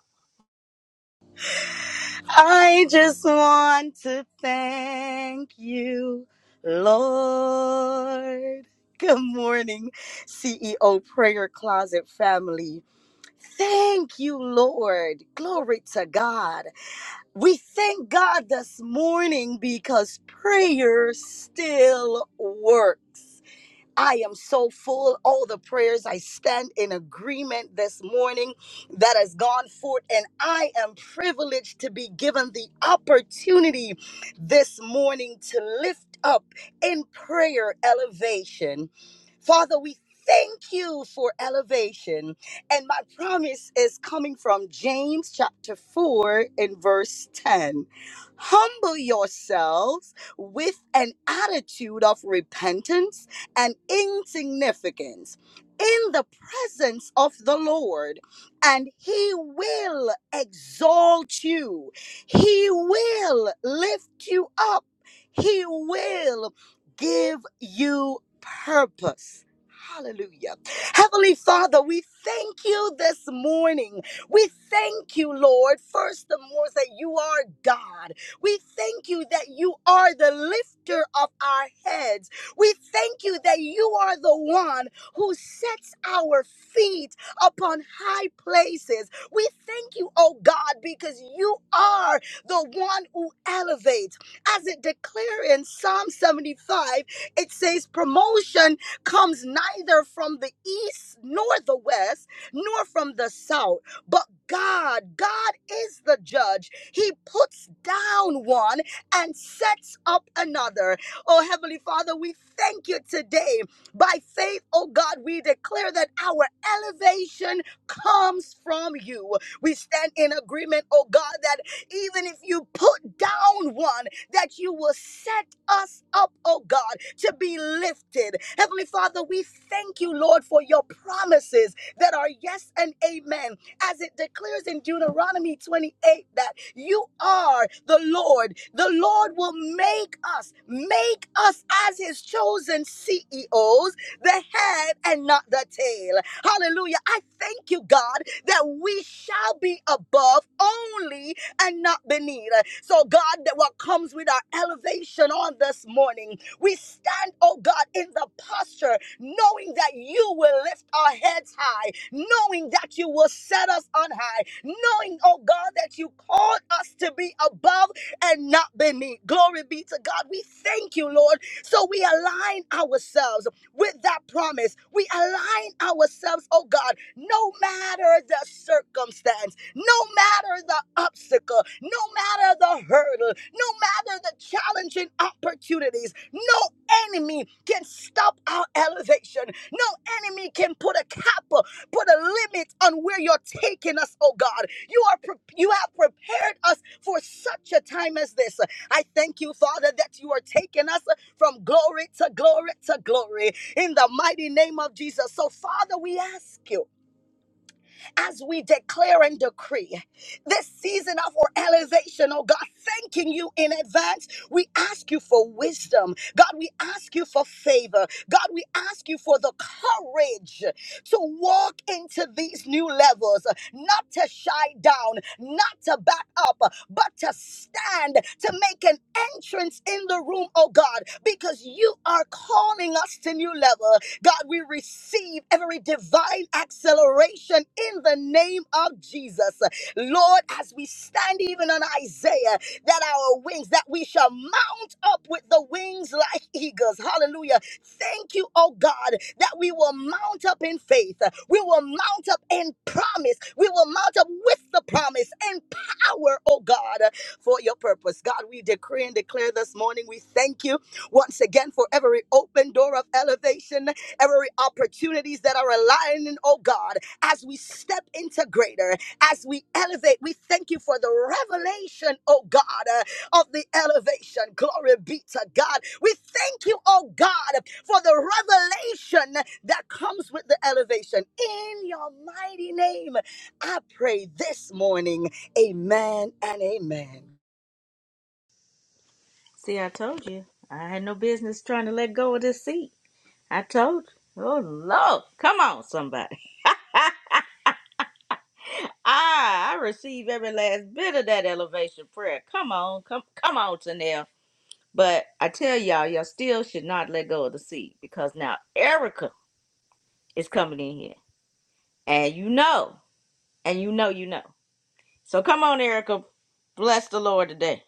[SPEAKER 8] I just want to thank you, Lord. Good morning, CEO Prayer Closet family. Thank you, Lord. Glory to God. We thank God this morning because prayer still works. I am so full. All the prayers I stand in agreement this morning that has gone forth, and I am privileged to be given the opportunity this morning to lift up in prayer elevation. Father, we thank you for elevation. And my promise is coming from James chapter 4 and verse 10. Humble yourselves with an attitude of repentance and insignificance in the presence of the Lord, and He will exalt you, He will lift you up, He will give you purpose. Hallelujah. Heavenly Father, we thank you this morning. We thank you, Lord, first and more that you are God. We thank you that you are the lifter of our heads. We thank you that you are the one who sets our feet upon high places. We thank you, oh God, because you are the one who elevates. As it declares in Psalm 75, it says, Promotion comes neither from the east nor the west, nor from the south, but God, God is the judge. He puts down one and sets up another. Oh, Heavenly Father, we thank you today. By faith, oh God, we declare that our elevation comes from you. We stand in agreement, oh God, that even if you put down one, that you will set us up, oh God, to be lifted. Heavenly Father, we thank you, Lord, for your promises that are yes and amen as it declares in Deuteronomy 28 that you are the Lord. The Lord will make us, make us as his chosen CEOs, the head and not the tail. Hallelujah. I thank you, God, that we shall be above only and not beneath. So, God, that what comes with our elevation on this morning. We stand, oh God, in the posture, knowing that you will lift our heads high, knowing that you will set us on high, knowing, oh God, that you called us to be above and not beneath. Glory be to God. We thank you, Lord. So we align ourselves with that promise. We align ourselves, oh God, no matter the circumstance no matter the obstacle, no matter the hurdle, no matter the challenging opportunities, no enemy can stop our elevation. No enemy can put a cap, put a limit on where you're taking us, oh God. You are pre- you have prepared us for such a time as this. I thank you, Father, that you are taking us from glory to glory to glory in the mighty name of Jesus. So, Father, we ask you as we declare and decree this season of our elevation, oh God, thanking you in advance. We ask you for wisdom. God, we ask you for favor. God, we ask you for the courage to walk into these new levels, not to shy down, not to back up, but to stand, to make an entrance in the room, oh God, because you are calling us to new level. God, we receive every divine acceleration in the name of Jesus. Lord, as we stand even on Isaiah, that our wings, that we shall mount up with the wings like eagles. Hallelujah. Thank you, oh God, that we will mount up in faith. We will mount up in promise. We will mount up with the promise and power, oh God, for your purpose. God, we decree and declare this morning, we thank you once again for every open door of elevation every opportunities that are aligning, oh God, as we step into greater, as we elevate, we thank you for the revelation, oh God, uh, of the elevation. Glory be to God. We thank you, oh God, for the revelation that comes with the elevation. In your mighty name, I pray this morning. Amen and amen.
[SPEAKER 1] See, I told you I had no business trying to let go of this seat. I told you. Oh Lord, come on, somebody. I I receive every last bit of that elevation prayer. Come on, come come on, Tanel. But I tell y'all, y'all still should not let go of the seed because now Erica is coming in here. And you know, and you know, you know. So come on, Erica. Bless the Lord today.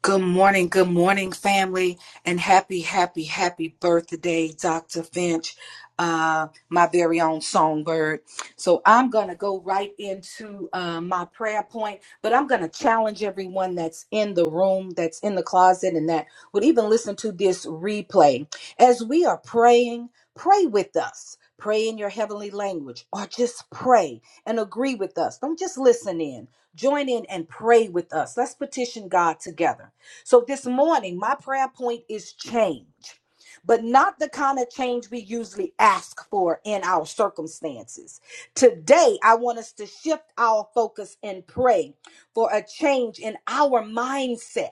[SPEAKER 9] Good morning, good morning, family, and happy, happy, happy birthday, Dr. Finch, uh, my very own songbird. So I'm going to go right into uh, my prayer point, but I'm going to challenge everyone that's in the room, that's in the closet, and that would even listen to this replay. As we are praying, pray with us. Pray in your heavenly language, or just pray and agree with us. Don't just listen in. Join in and pray with us. Let's petition God together. So this morning, my prayer point is change, but not the kind of change we usually ask for in our circumstances. Today, I want us to shift our focus and pray for a change in our mindset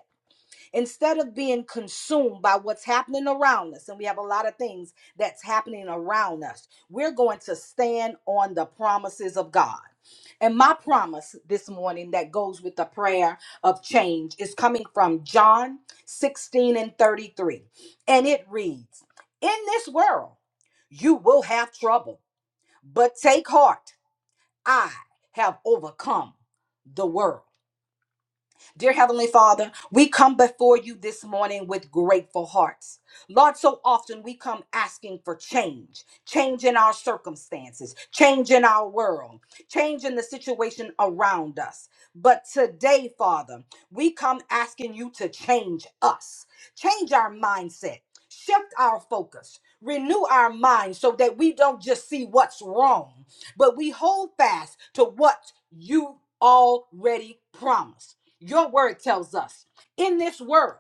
[SPEAKER 9] instead of being consumed by what's happening around us, and we have a lot of things that's happening around us, we're going to stand on the promises of God. And my promise this morning that goes with the prayer of change is coming from John 16 and 33. And it reads In this world, you will have trouble, but take heart, I have overcome the world. Dear Heavenly Father, we come before you this morning with grateful hearts. Lord, so often we come asking for change, change in our circumstances, change in our world, change in the situation around us. But today, Father, we come asking you to change us, change our mindset, shift our focus, renew our minds, so that we don't just see what's wrong, but we hold fast to what you already promised. Your word tells us in this world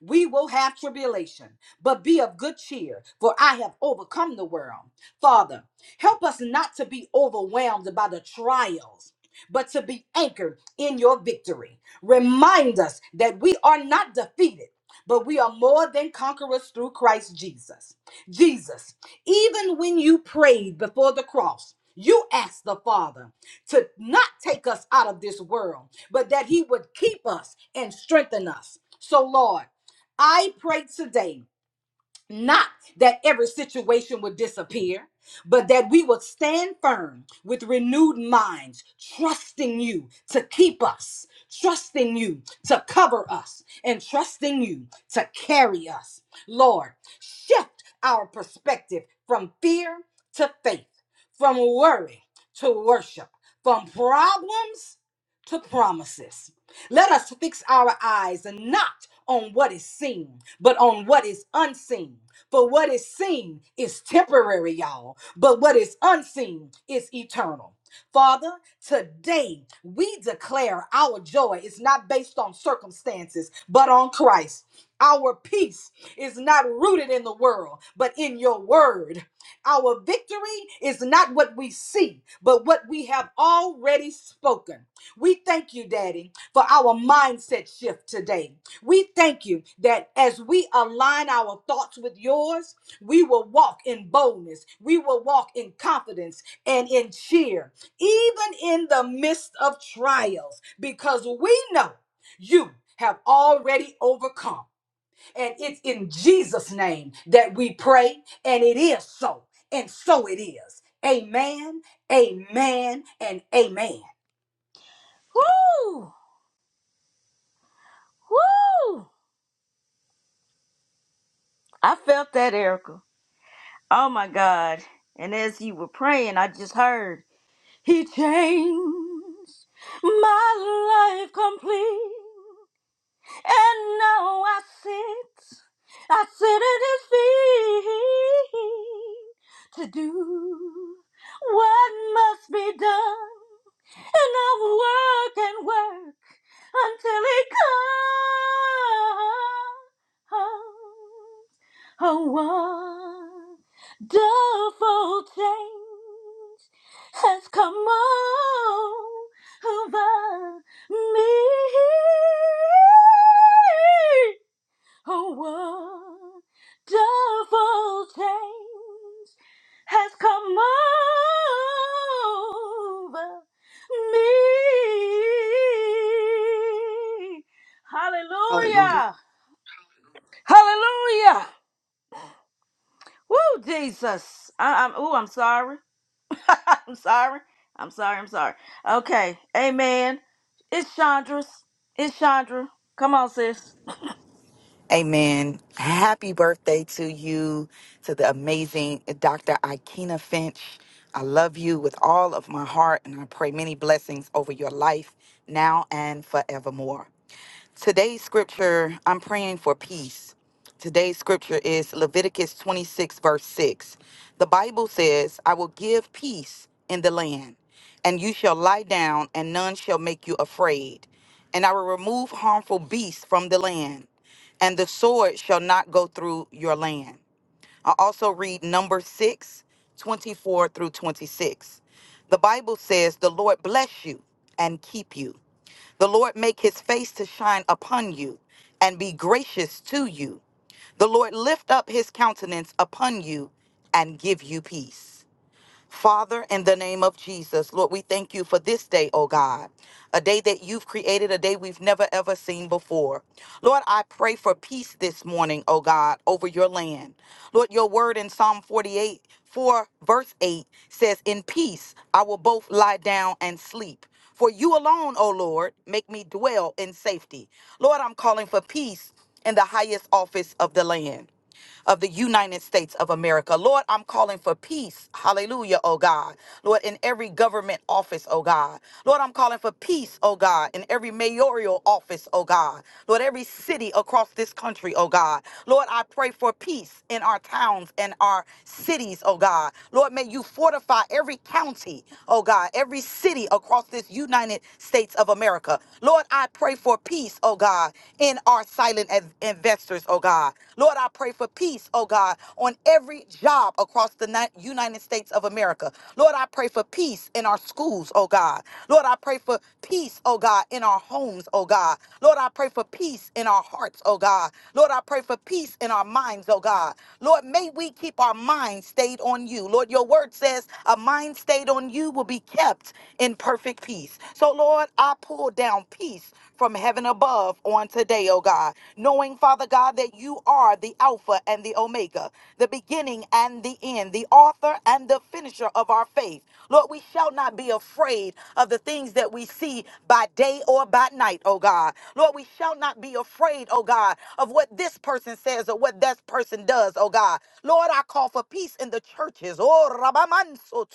[SPEAKER 9] we will have tribulation, but be of good cheer, for I have overcome the world. Father, help us not to be overwhelmed by the trials. But to be anchored in your victory. Remind us that we are not defeated, but we are more than conquerors through Christ Jesus. Jesus, even when you prayed before the cross, you asked the Father to not take us out of this world, but that He would keep us and strengthen us. So, Lord, I pray today not that every situation would disappear, but that we would stand firm with renewed minds, trusting you to keep us, trusting you to cover us, and trusting you to carry us. Lord, shift our perspective from fear to faith, from worry to worship, from problems to promises. Let us fix our eyes not on what is seen, but on what is unseen. For what is seen is temporary, y'all, but what is unseen is eternal. Father, today we declare our joy is not based on circumstances, but on Christ. Our peace is not rooted in the world, but in your word. Our victory is not what we see, but what we have already spoken. We thank you, Daddy for our mindset shift today. We thank you that as we align our thoughts with yours, we will walk in boldness, we will walk in confidence and in cheer, even in the midst of trials, because we know you have already overcome. And it's in Jesus' name that we pray, and it is so, and so it is. Amen, amen, and amen.
[SPEAKER 1] Woo! Woo! I felt that, Erica. Oh my God. And as you were praying, I just heard, He changed my life complete. And now I sit, I sit at his feet to do what must be done. And I'll work and work until he comes. A wonderful change has come over me. A wonderful change has come over me.
[SPEAKER 9] Hallelujah.
[SPEAKER 1] Hallelujah. Hallelujah. Woo, Jesus. I, I'm, oh, I'm sorry. I'm sorry. I'm sorry. I'm sorry. Okay. Amen. It's Chandra's. It's Chandra. Come on, sis.
[SPEAKER 10] Amen. Happy birthday to you, to the amazing Dr. Ikena Finch. I love you with all of my heart, and I pray many blessings over your life now and forevermore. Today's scripture, I'm praying for peace. Today's scripture is Leviticus 26, verse 6. The Bible says, I will give peace in the land, and you shall lie down, and none shall make you afraid. And I will remove harmful beasts from the land, and the sword shall not go through your land. I also read number 6:24 through 26. The Bible says, The Lord bless you and keep you. The Lord make his face to shine upon you and be gracious to you. The Lord lift up his countenance upon you and give you peace. Father, in the name of Jesus, Lord, we thank you for this day, oh God, a day that you've created, a day we've never ever seen before. Lord, I pray for peace this morning, oh God, over your land. Lord, your word in Psalm 48, 4, verse 8 says, In peace I will both lie down and sleep. For you alone, O Lord, make me dwell in safety. Lord, I'm calling for peace in the highest office of the land of the United States of America. Lord, I'm calling for peace. Hallelujah, oh God. Lord, in every government office, oh God. Lord, I'm calling for peace, oh God, in every mayoral office, oh God. Lord, every city across this country, oh God. Lord, I pray for peace in our towns and our cities, oh God. Lord, may you fortify every county, oh God, every city across this United States of America. Lord, I pray for peace, oh God, in our silent as investors, oh God. Lord, I pray for peace, oh God, on every job across the ni- United States of America. Lord, I pray for peace in our schools, oh God. Lord, I pray for peace, oh God, in our homes, oh God. Lord, I pray for peace in our hearts, oh God. Lord, I pray for peace in our minds, oh God. Lord, may we keep our minds stayed on you. Lord, your word says a mind stayed on you will be kept in perfect peace. So, Lord, I pull down peace from heaven above on today, oh God. Knowing, Father God, that you are the Alpha and the Omega, the beginning and the end, the author and the finisher of our faith. Lord, we shall not be afraid of the things that we see by day or by night, oh God. Lord, we shall not be afraid, oh God, of what this person says or what that person does, oh God. Lord, I call for peace in the churches. Oh, Rabamanso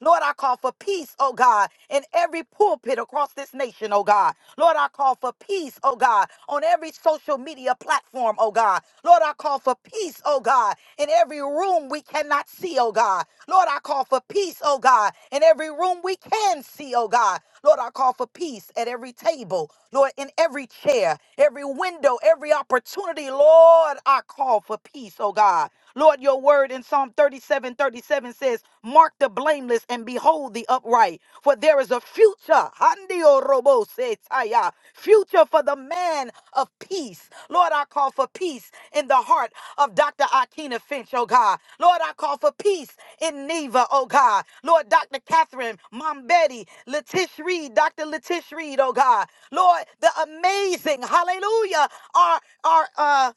[SPEAKER 10] Lord, I call for peace, oh God, in every pulpit across this nation, oh God. Lord, I call for peace, oh God, on every social media platform, oh God. Lord, I call for peace, oh God, in every room we cannot see, oh God. Lord, I call for peace, oh God, in every room we can see, oh God. Lord, I call for peace at every table, Lord, in every chair, every window, every opportunity. Lord, I call for peace, oh God. Lord, your word word in Psalm 37, 37 says, Mark the blameless and behold the upright, for there is a future. Handio robo se taya. Future for the man of peace. Lord, I call for peace in the heart of Dr. Akina Finch, oh God. Lord, I call for peace in Neva, oh God. Lord, Dr. Catherine, Mom Betty, Letish Reed, Dr. Letish Reed, oh God. Lord, the amazing, hallelujah, our, our, uh,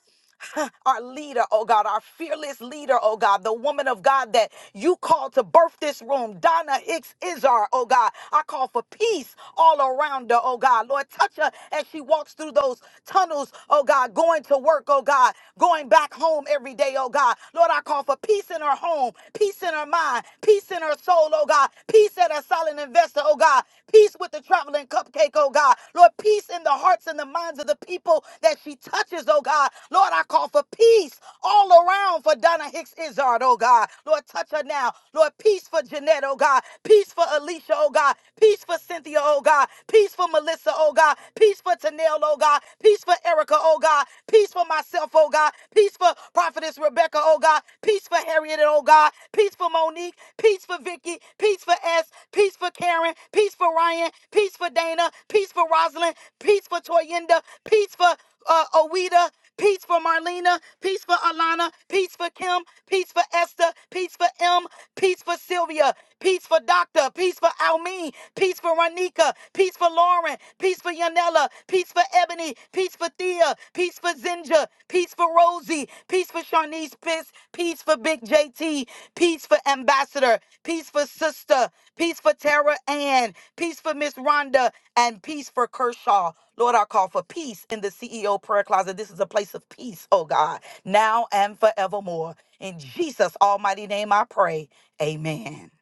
[SPEAKER 10] our leader, oh God, our fearless leader, oh God, the woman of God that you called to birth this room, Donna Hicks Izar, oh God. I call for peace all around her, oh God. Lord, touch her as she walks through those tunnels, oh God, going to work, oh God, going back home every day, oh God. Lord, I call for peace in her home, peace in her mind, peace in her soul, oh God, peace at her silent investment vessel, oh God. Peace with the traveling cupcake, oh God. Lord, peace in the hearts and the minds of the people that she touches, oh God. Lord, I call for peace all around for Donna Hicks Izard, oh God. Lord, touch her now. Lord, peace for Jeanette, oh God. Peace for Alicia, oh God. Peace for Cynthia, oh God. Peace for Melissa, oh God. Peace for Tanel, oh God. Peace for Erica, oh God. Peace for myself, oh God. God. Peace for Prophetess Rebecca, oh God. Peace for Harriet, oh God. Peace for Monique. Peace for Vicky. Peace for S. Peace for Karen. Peace for Ryan. Peace for Dana. Peace for Rosalind. Peace for Toyinda. Peace for uh, Oweda. Peace for Marlena. Peace for Alana. Peace for Kim. Peace for Esther. Peace for M. Peace for Sylvia. Peace for Doctor. Peace for Almeen. Peace for Ronika. Peace for Lauren. Peace for Yanela. Peace for Ebony. Peace for Thea. Peace for Zinja. Peace for Rosie. Peace for Sharnice. Peace, peace for Big JT. Peace for Ambassador. Peace for Sister. Peace for Tara Ann. Peace for Miss Rhonda. And peace for Kershaw. Lord, I call for peace in the CEO prayer closet. This is a place of peace, oh God, now and forevermore. In Jesus' almighty name I pray. Amen.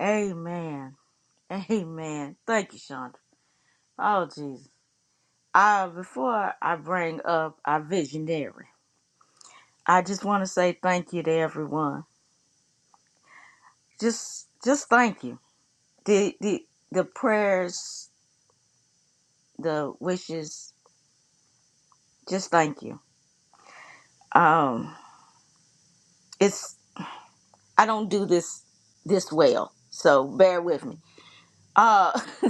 [SPEAKER 1] Amen. Amen. Thank you, Shonda. Oh, Jesus. Uh, before I bring up our visionary, I just want to say thank you to everyone. Just, just thank you. The, the, the prayers, the wishes. Just thank you. Um, it's I don't do this this well, so bear with me. Uh,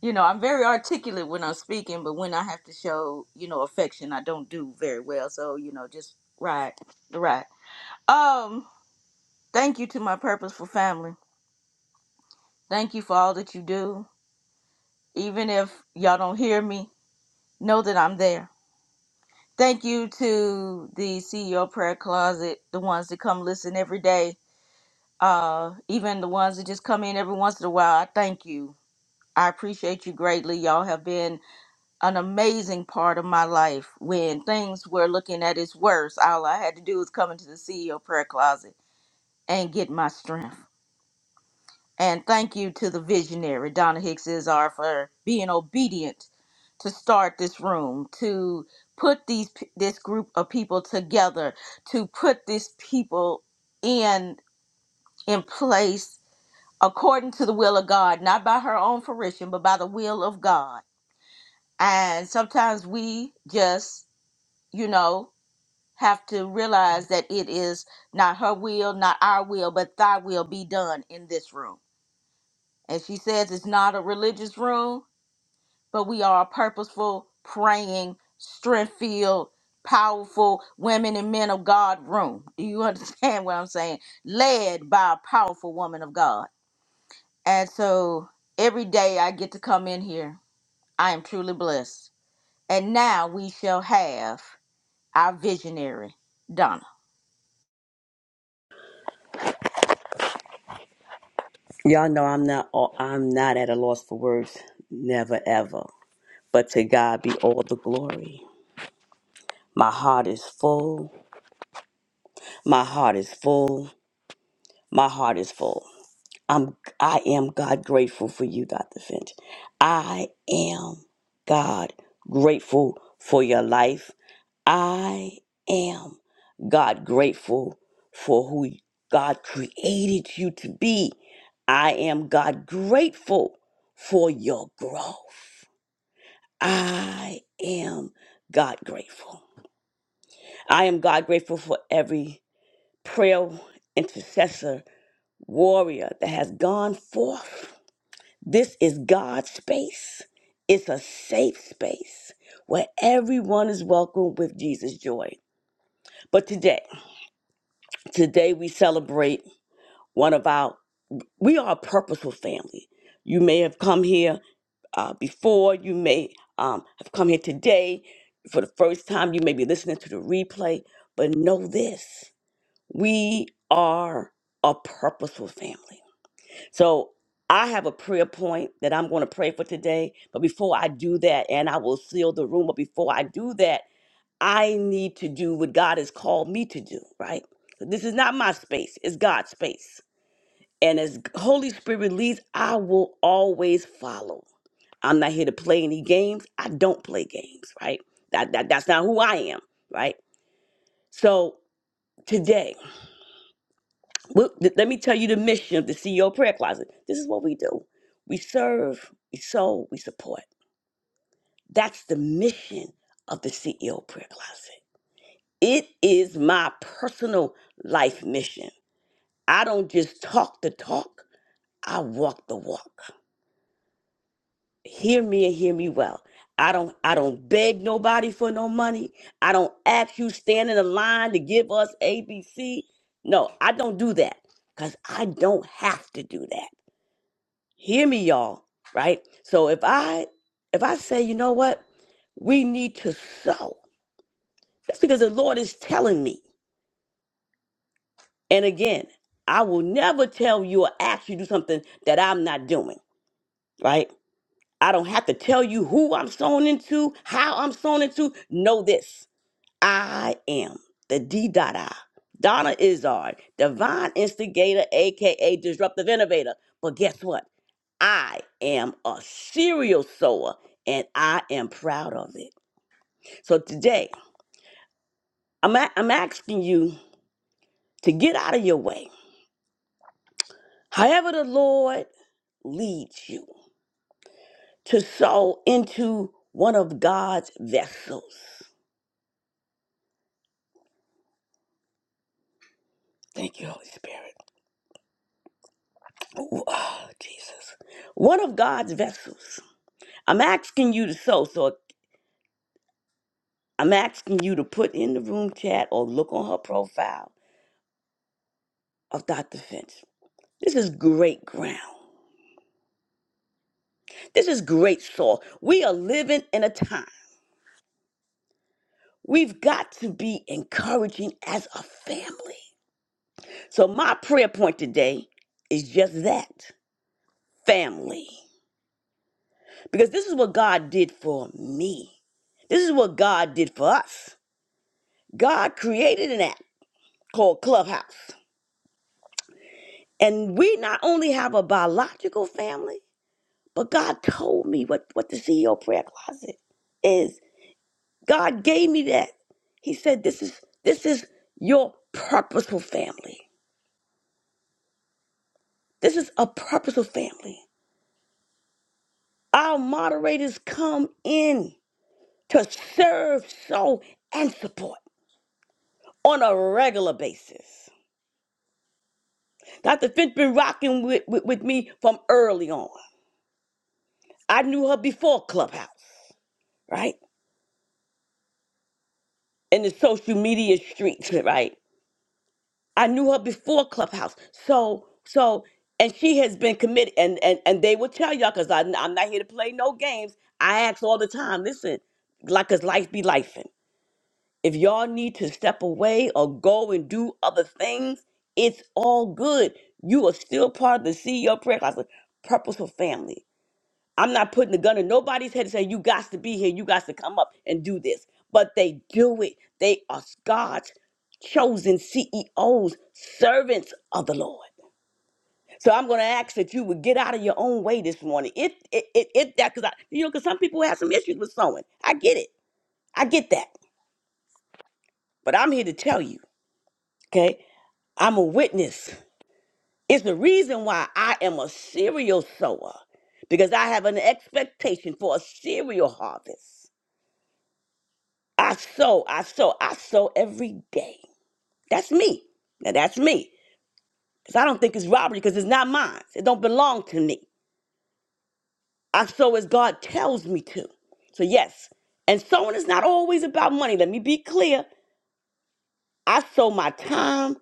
[SPEAKER 1] you know, I'm very articulate when I'm speaking, but when I have to show, you know, affection, I don't do very well. So, you know, just ride the ride. Um, thank you to my purposeful family. Thank you for all that you do. Even if y'all don't hear me, know that I'm there. Thank you to the CEO prayer closet, the ones that come listen every day. Uh, even the ones that just come in every once in a while. I thank you. I appreciate you greatly. Y'all have been an amazing part of my life when things were looking at its worst. All I had to do was come into the CEO prayer closet and get my strength. And thank you to the visionary, Donna Hicks Izar, for being obedient to start this room, to put these p- this group of people together, to put these people in in place according to the will of God, not by her own fruition, but by the will of God. And sometimes we just, you know, have to realize that it is not her will, not our will, but thy will be done in this room. And she says it's not a religious room, but we are a purposeful, praying, strength filled, powerful women and men of God room. Do you understand what I'm saying? Led by a powerful woman of God. And so every day I get to come in here, I am truly blessed. And now we shall have our visionary, Donna.
[SPEAKER 11] Y'all know I'm not I'm not at a loss for words, never ever. But to God be all the glory. My heart is full. My heart is full. My heart is full. I'm I am God grateful for you, Dr. Finch. I am God grateful for your life. I am God grateful for who God created you to be. I am God grateful for your growth. I am God grateful. I am God grateful for every prayer intercessor warrior that has gone forth. This is God's space. It's a safe space where everyone is welcome with Jesus' joy. But today, Today we celebrate one of our, we are a purposeful family. You may have come here uh, before, you may um, have come here today for the first time, you may be listening to the replay, but know this we are a purposeful family. So I have a prayer point that I'm going to pray for today, but before I do that, and I will seal the room, but before I do that, I need to do what God has called me to do, right? So, This is not my space, it's God's space. And as Holy Spirit leads, I will always follow. I'm not here to play any games. I don't play games, right? That, that that's not who I am, right? So today, well, th- let me tell you the mission of the CEO Prayer Closet. This is what we do: we serve, we sow, we support. That's the mission of the CEO Prayer Closet. It is my personal life mission. I don't just talk the talk; I walk the walk. hear me and hear me well. I don't I don't beg nobody for no money. I don't ask you stand in a line to give us ABC. No, I don't do that cuz I don't have to do that. Hear me y'all, right? So if I if I say, you know what? We need to sow. That's because the Lord is telling me. And again, I will never tell you or ask you to do something that I'm not doing, right? I don't have to tell you who I'm sown into, how I'm sown into. Know this I am the D Dada, Donna Izard, divine instigator, AKA disruptive innovator. But guess what? I am a serial sower and I am proud of it. So today, I'm, a- I'm asking you to get out of your way. However, the Lord leads you to sow into one of God's vessels. Thank you, Holy Spirit. Ooh, oh, Jesus. One of God's vessels. I'm asking you to sow, so I'm asking you to put in the room chat or look on her profile of Dr. Finch. This is great ground. This is great soil. We are living in a time. We've got to be encouraging as a family. So, my prayer point today is just that family. Because this is what God did for me, this is what God did for us. God created an app. called Clubhouse. And we not only have a biological family, but God told me what, what the CEO prayer closet is. God gave me that. He said, This is this is your purposeful family. This is a purposeful family. Our moderators come in to serve, sow, and support on a regular basis. Dr. Finch been rocking with, with, with me from early on. I knew her before Clubhouse, right? in the social media streets, right? I knew her before Clubhouse. So, so, and she has been committed, and and and they will tell y'all, cause I, I'm not here to play no games. I ask all the time, listen, like, cause life be life. If y'all need to step away or go and do other things, it's all good. You are still part of the CEO prayer closet, Purposeful Family. I'm not putting the gun in nobody's head and saying, you got to be here, you got to come up and do this. But they do it. They are God's chosen CEOs, servants of the Lord. So I'm going to ask that you would get out of your own way this morning. If it, it, it that because you know because some people have some issues with sowing. I get it. I get that. But I'm here to tell you, okay? I'm a witness. It's the reason why I am a cereal sower because I have an expectation for a cereal harvest. I sew, I sew, I sew every day. That's me. Now that's me. Because I don't think it's robbery because it's not mine. It don't belong to me. I sew as God tells me to. So yes. And sewing is not always about money. Let me be clear. I sow my time,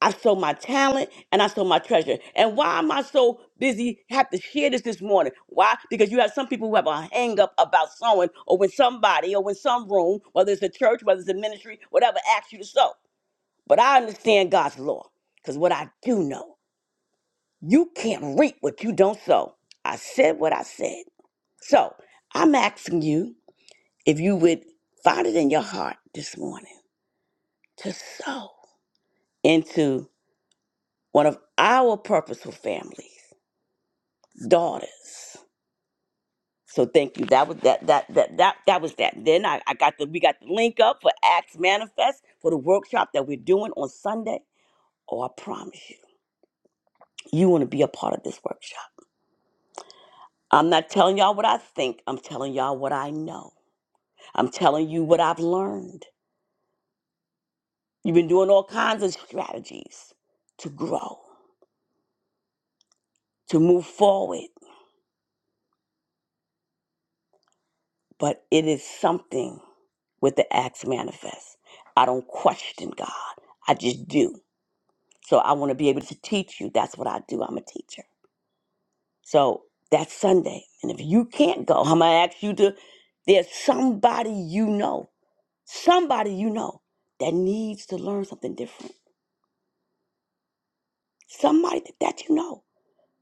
[SPEAKER 11] I sow my talent, and I sow my treasure. And why am I so busy have to share this this morning? Why? Because you have some people who have a hang up about sewing or when somebody or when some room, whether it's a church, whether it's a ministry, whatever, asks you to sow. But I understand God's law because what I do know, you can't reap what you don't sow. I said what I said. So I'm asking you if you would find it in your heart this morning to sow into one of our purposeful families, daughters. So thank you. That was that that that that that was that. Then I, I got the we got the link up for Acts Manifest for the workshop that we're doing on Sunday. Oh, I promise you, you want to be a part of this workshop. I'm not telling y'all what I think. I'm telling y'all what I know. I'm telling you what I've learned. You've been doing all kinds of strategies to grow, to move forward, but it is something with the acts manifest. I don't question God, I just do. So I want to be able to teach you. That's what I do. I'm a teacher. So that's Sunday. And if you can't go, I'm going to ask you to, there's somebody you know, somebody you know that needs to learn something different somebody that you know.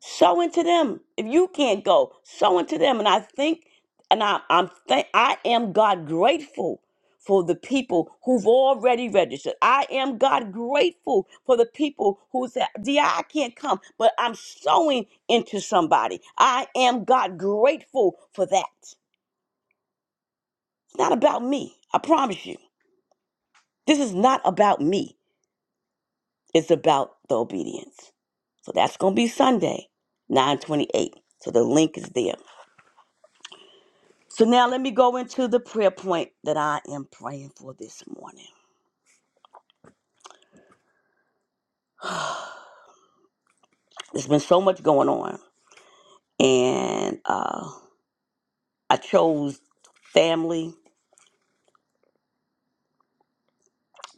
[SPEAKER 11] Sow into them. If you can't go, sow into them. And I think, and I, I'm thank, I am God grateful for the people who've already registered. I am God grateful for the people who said, "Di, I can't come," but I'm sowing into somebody. I am God grateful for that. It's not about me. I promise you, this is not about me. It's about the obedience. So that's going to be Sunday, 928. So the link is there. So now let me go into the prayer point that I am praying for this morning. There's been so much going on. And uh, I chose family,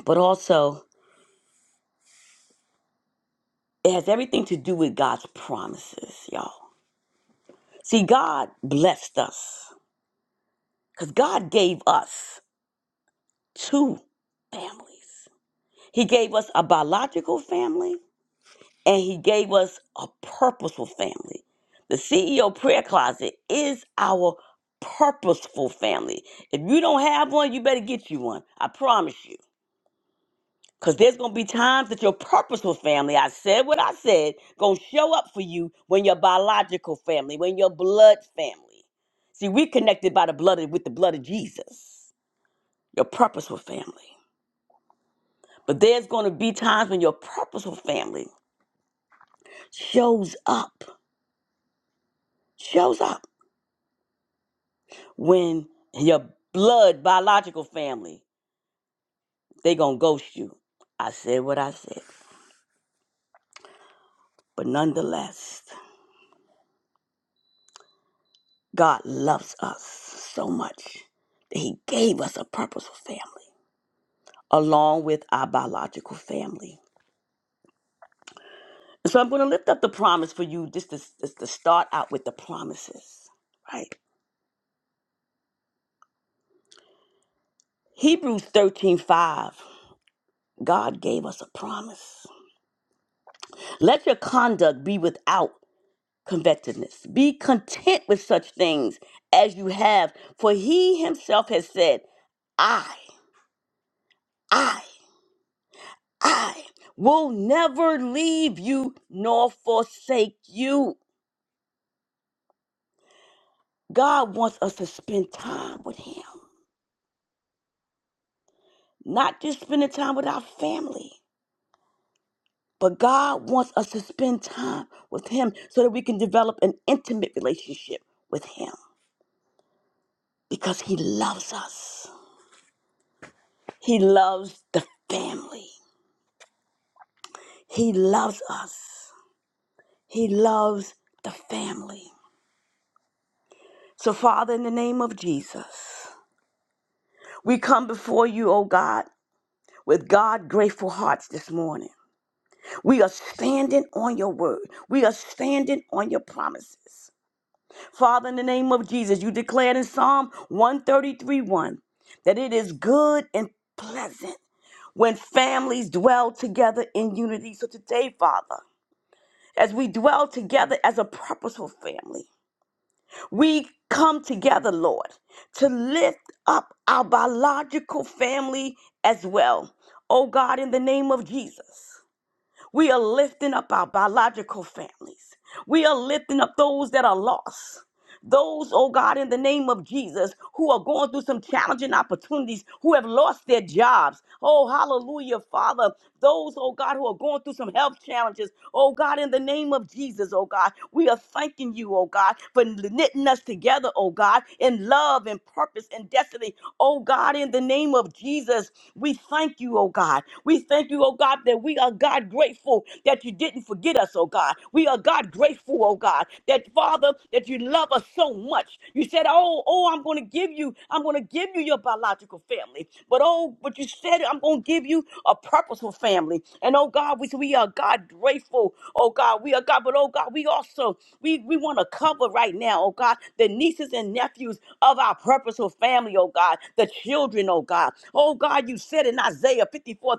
[SPEAKER 11] but also it has everything to do with God's promises, y'all. See, God blessed us because God gave us two families. He gave us a biological family and he gave us a purposeful family. The CEO prayer closet is our purposeful family. If you don't have one, you better get you one. I promise you. Cause there's gonna be times that your purposeful family, I said what I said, gonna show up for you when your biological family, when your blood family. See, we connected by the blood of, with the blood of Jesus, your purposeful family. But there's gonna be times when your purposeful family shows up, shows up. when your blood biological family they gonna ghost you i said what i said but nonetheless god loves us so much that he gave us a purposeful family along with our biological family so i'm gonna lift up the promise for you just to, just to start out with the promises right hebrews 13:5. god gave us a promise let your conduct be without covetousness. Be content with such things as you have, for he himself has said, I, I, I will never leave you nor forsake you. God wants us to spend time with him, not just spending time with our family. But God wants us to spend time with Him so that we can develop an intimate relationship with Him because He loves us. He loves the family. He loves us. He loves the family. So, Father, in the name of Jesus, we come before you, oh God, with God grateful hearts this morning. We are standing on your word, we are standing on your promises. Father, in the name of Jesus, you declared in Psalm 133 1 that it is good and pleasant when families dwell together in unity. So, today, Father, as we dwell together as a purposeful family, we come together, Lord, to lift up our biological family as well. Oh God, in the name of Jesus, we are lifting up our biological families. We are lifting up those that are lost. Those, oh God, in the name of Jesus, who are going through some challenging opportunities, who have lost their jobs. Oh, hallelujah, Father. Those, oh God, who are going through some health challenges. Oh God, in the name of Jesus, oh God, we are thanking you, oh God, for knitting us together, oh God, in love and purpose and destiny. Oh God, in the name of Jesus, we thank you, oh God. We thank you, oh God, that we are God grateful that you didn't forget us, oh God. We are God grateful, oh God, that Father, that you love us so much. You said, Oh, oh, I'm gonna give you, I'm gonna give you your biological family. But oh, but you said I'm gonna give you a purposeful family. And oh God, we we are God grateful. Oh God, we are God, but oh God, we also we, we want to cover right now, oh God, the nieces and nephews of our purposeful family, oh God, the children, oh God. Oh God, you said in Isaiah 54:13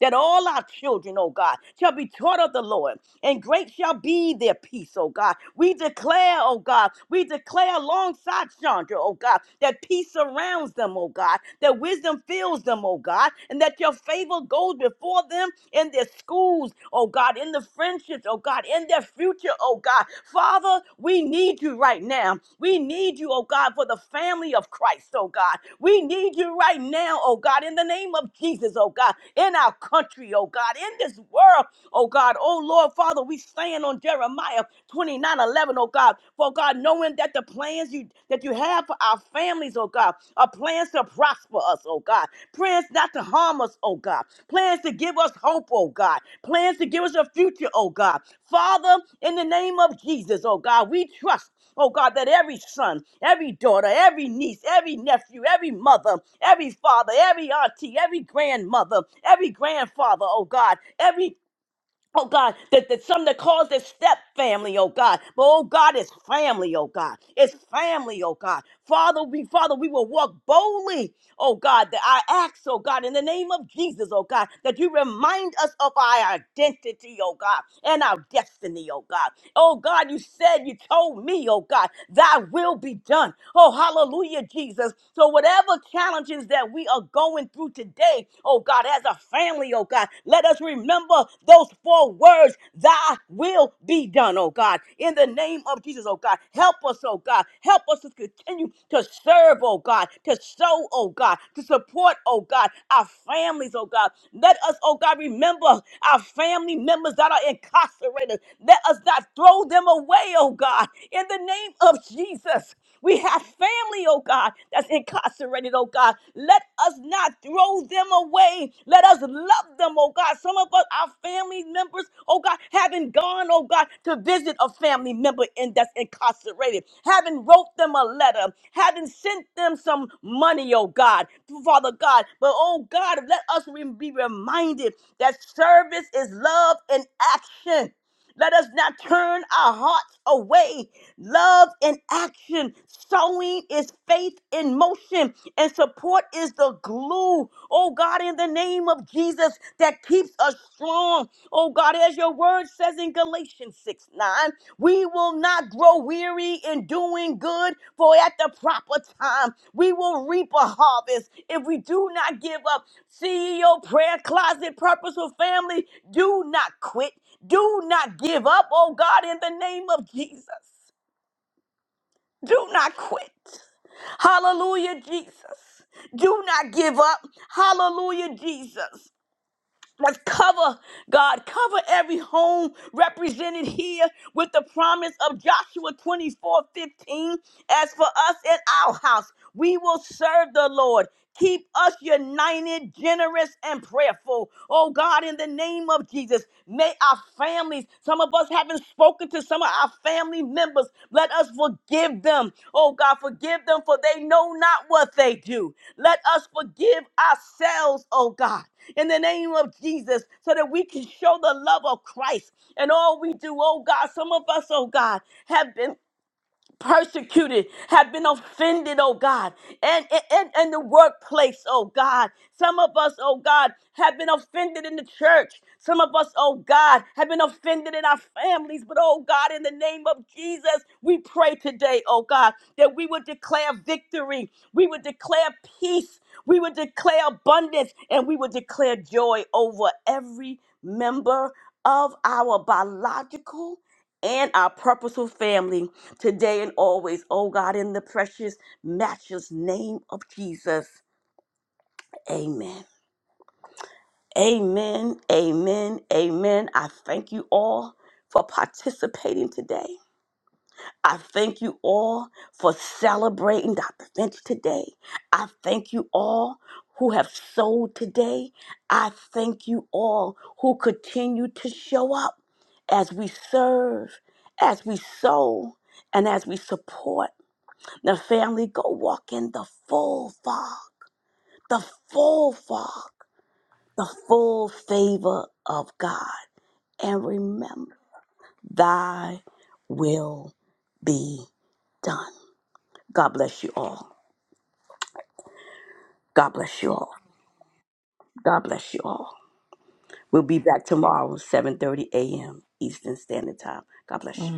[SPEAKER 11] that all our children, oh God, shall be taught of the Lord, and great Great shall be their peace, oh God. We declare, oh God, we declare alongside Chandra, oh God, that peace surrounds them, oh God, that wisdom fills them, oh God, and that your favor goes before them in their schools, oh God, in the friendships, oh God, in their future, oh God. Father, we need you right now. We need you, oh God, for the family of Christ, oh God. We need you right now, oh God, in the name of Jesus, oh God, in our country, oh God, in this world, oh God. Oh Lord, Father, we stand on Jeremiah 29 eleven, oh God. For God, knowing that the plans you that you have for our families, oh God, are plans to prosper us, oh God. Plans not to harm us, oh God. Plans to give us hope, oh God. Plans to give us a future, oh God. Father, in the name of Jesus, oh God, we trust Oh God, that every son, every daughter, every niece, every nephew, every mother, every father, every auntie, every grandmother, every grandfather, oh God, every Oh God, that, that some that calls this step family, oh God. But oh God, it's family, oh God. It's family, oh God. Father, we Father, we will walk boldly, oh God, that I ask, oh God, in the name of Jesus, oh God, that you remind us of our identity, oh God, and our destiny, oh God. Oh God, you said, you told me, oh God, thy will be done. Oh, hallelujah, Jesus. So, whatever challenges that we are going through today, oh God, as a family, oh God, let us remember those four words, thy will be done, oh God. In the name of Jesus, oh God, help us, oh God. Help us to continue to serve, oh God, to sow, oh God, to support, oh God, our families, oh God. Let us, oh God, remember our family members that are incarcerated. Let us not throw them away, oh God, in the name of Jesus. We have family, oh God, that's incarcerated, oh God. Let us not throw them away. Let us love them, oh God. Some of us, our family members, oh God, haven't gone, oh God, to visit a family member in that's incarcerated. Haven't wrote them a letter. Haven't sent them some money, oh God, Father God. But oh God, let us re- be reminded that service is love in action. Let us not turn our hearts away. Love in action. Sowing is faith in motion, and support is the glue. Oh God, in the name of Jesus, that keeps us strong. Oh God, as your word says in Galatians 6 9, we will not grow weary in doing good, for at the proper time we will reap a harvest if we do not give up. CEO Prayer Closet Purposeful Family, do not quit. Do not give up, oh God, in the name of Jesus. Do not quit. Hallelujah, Jesus. Do not give up. Hallelujah, Jesus. Let's cover, God, cover every home represented here with the promise of Joshua 24 15. As for us and our house, we will serve the Lord. Keep us united, generous, and prayerful. Oh God, in the name of Jesus, may our families, some of us haven't spoken to some of our family members. Let us forgive them. Oh God, forgive them for they know not what they do. Let us forgive ourselves, oh God, in the name of Jesus, so that we can show the love of Christ and all we do, oh God. Some of us, oh God, have been persecuted, have been offended, oh God, and in and, and and the workplace, oh God. Some of us, oh God, have been offended in the church. Some of us, oh God, have been offended in our families. But oh God, in the name of Jesus, we pray today, oh God, that we would declare victory, we would declare peace, we would declare abundance, and we would declare joy over every member of our biological and our purposeful family today and always. Oh God, in the precious, matchless name of Jesus. Amen. Amen. Amen. Amen. I thank you all for participating today. I thank you all for celebrating Dr. Finch today. I thank you all who have sold today. I thank you all who continue to show up as we serve, as we sow, and as we support. Now, family, go walk in the full fog, the full fog, the full favor of God. And remember, thy will be done. God bless you all. God bless you all. God bless you all. We'll be back tomorrow, 7.30 a.m. Eastern Standard Time. God bless you.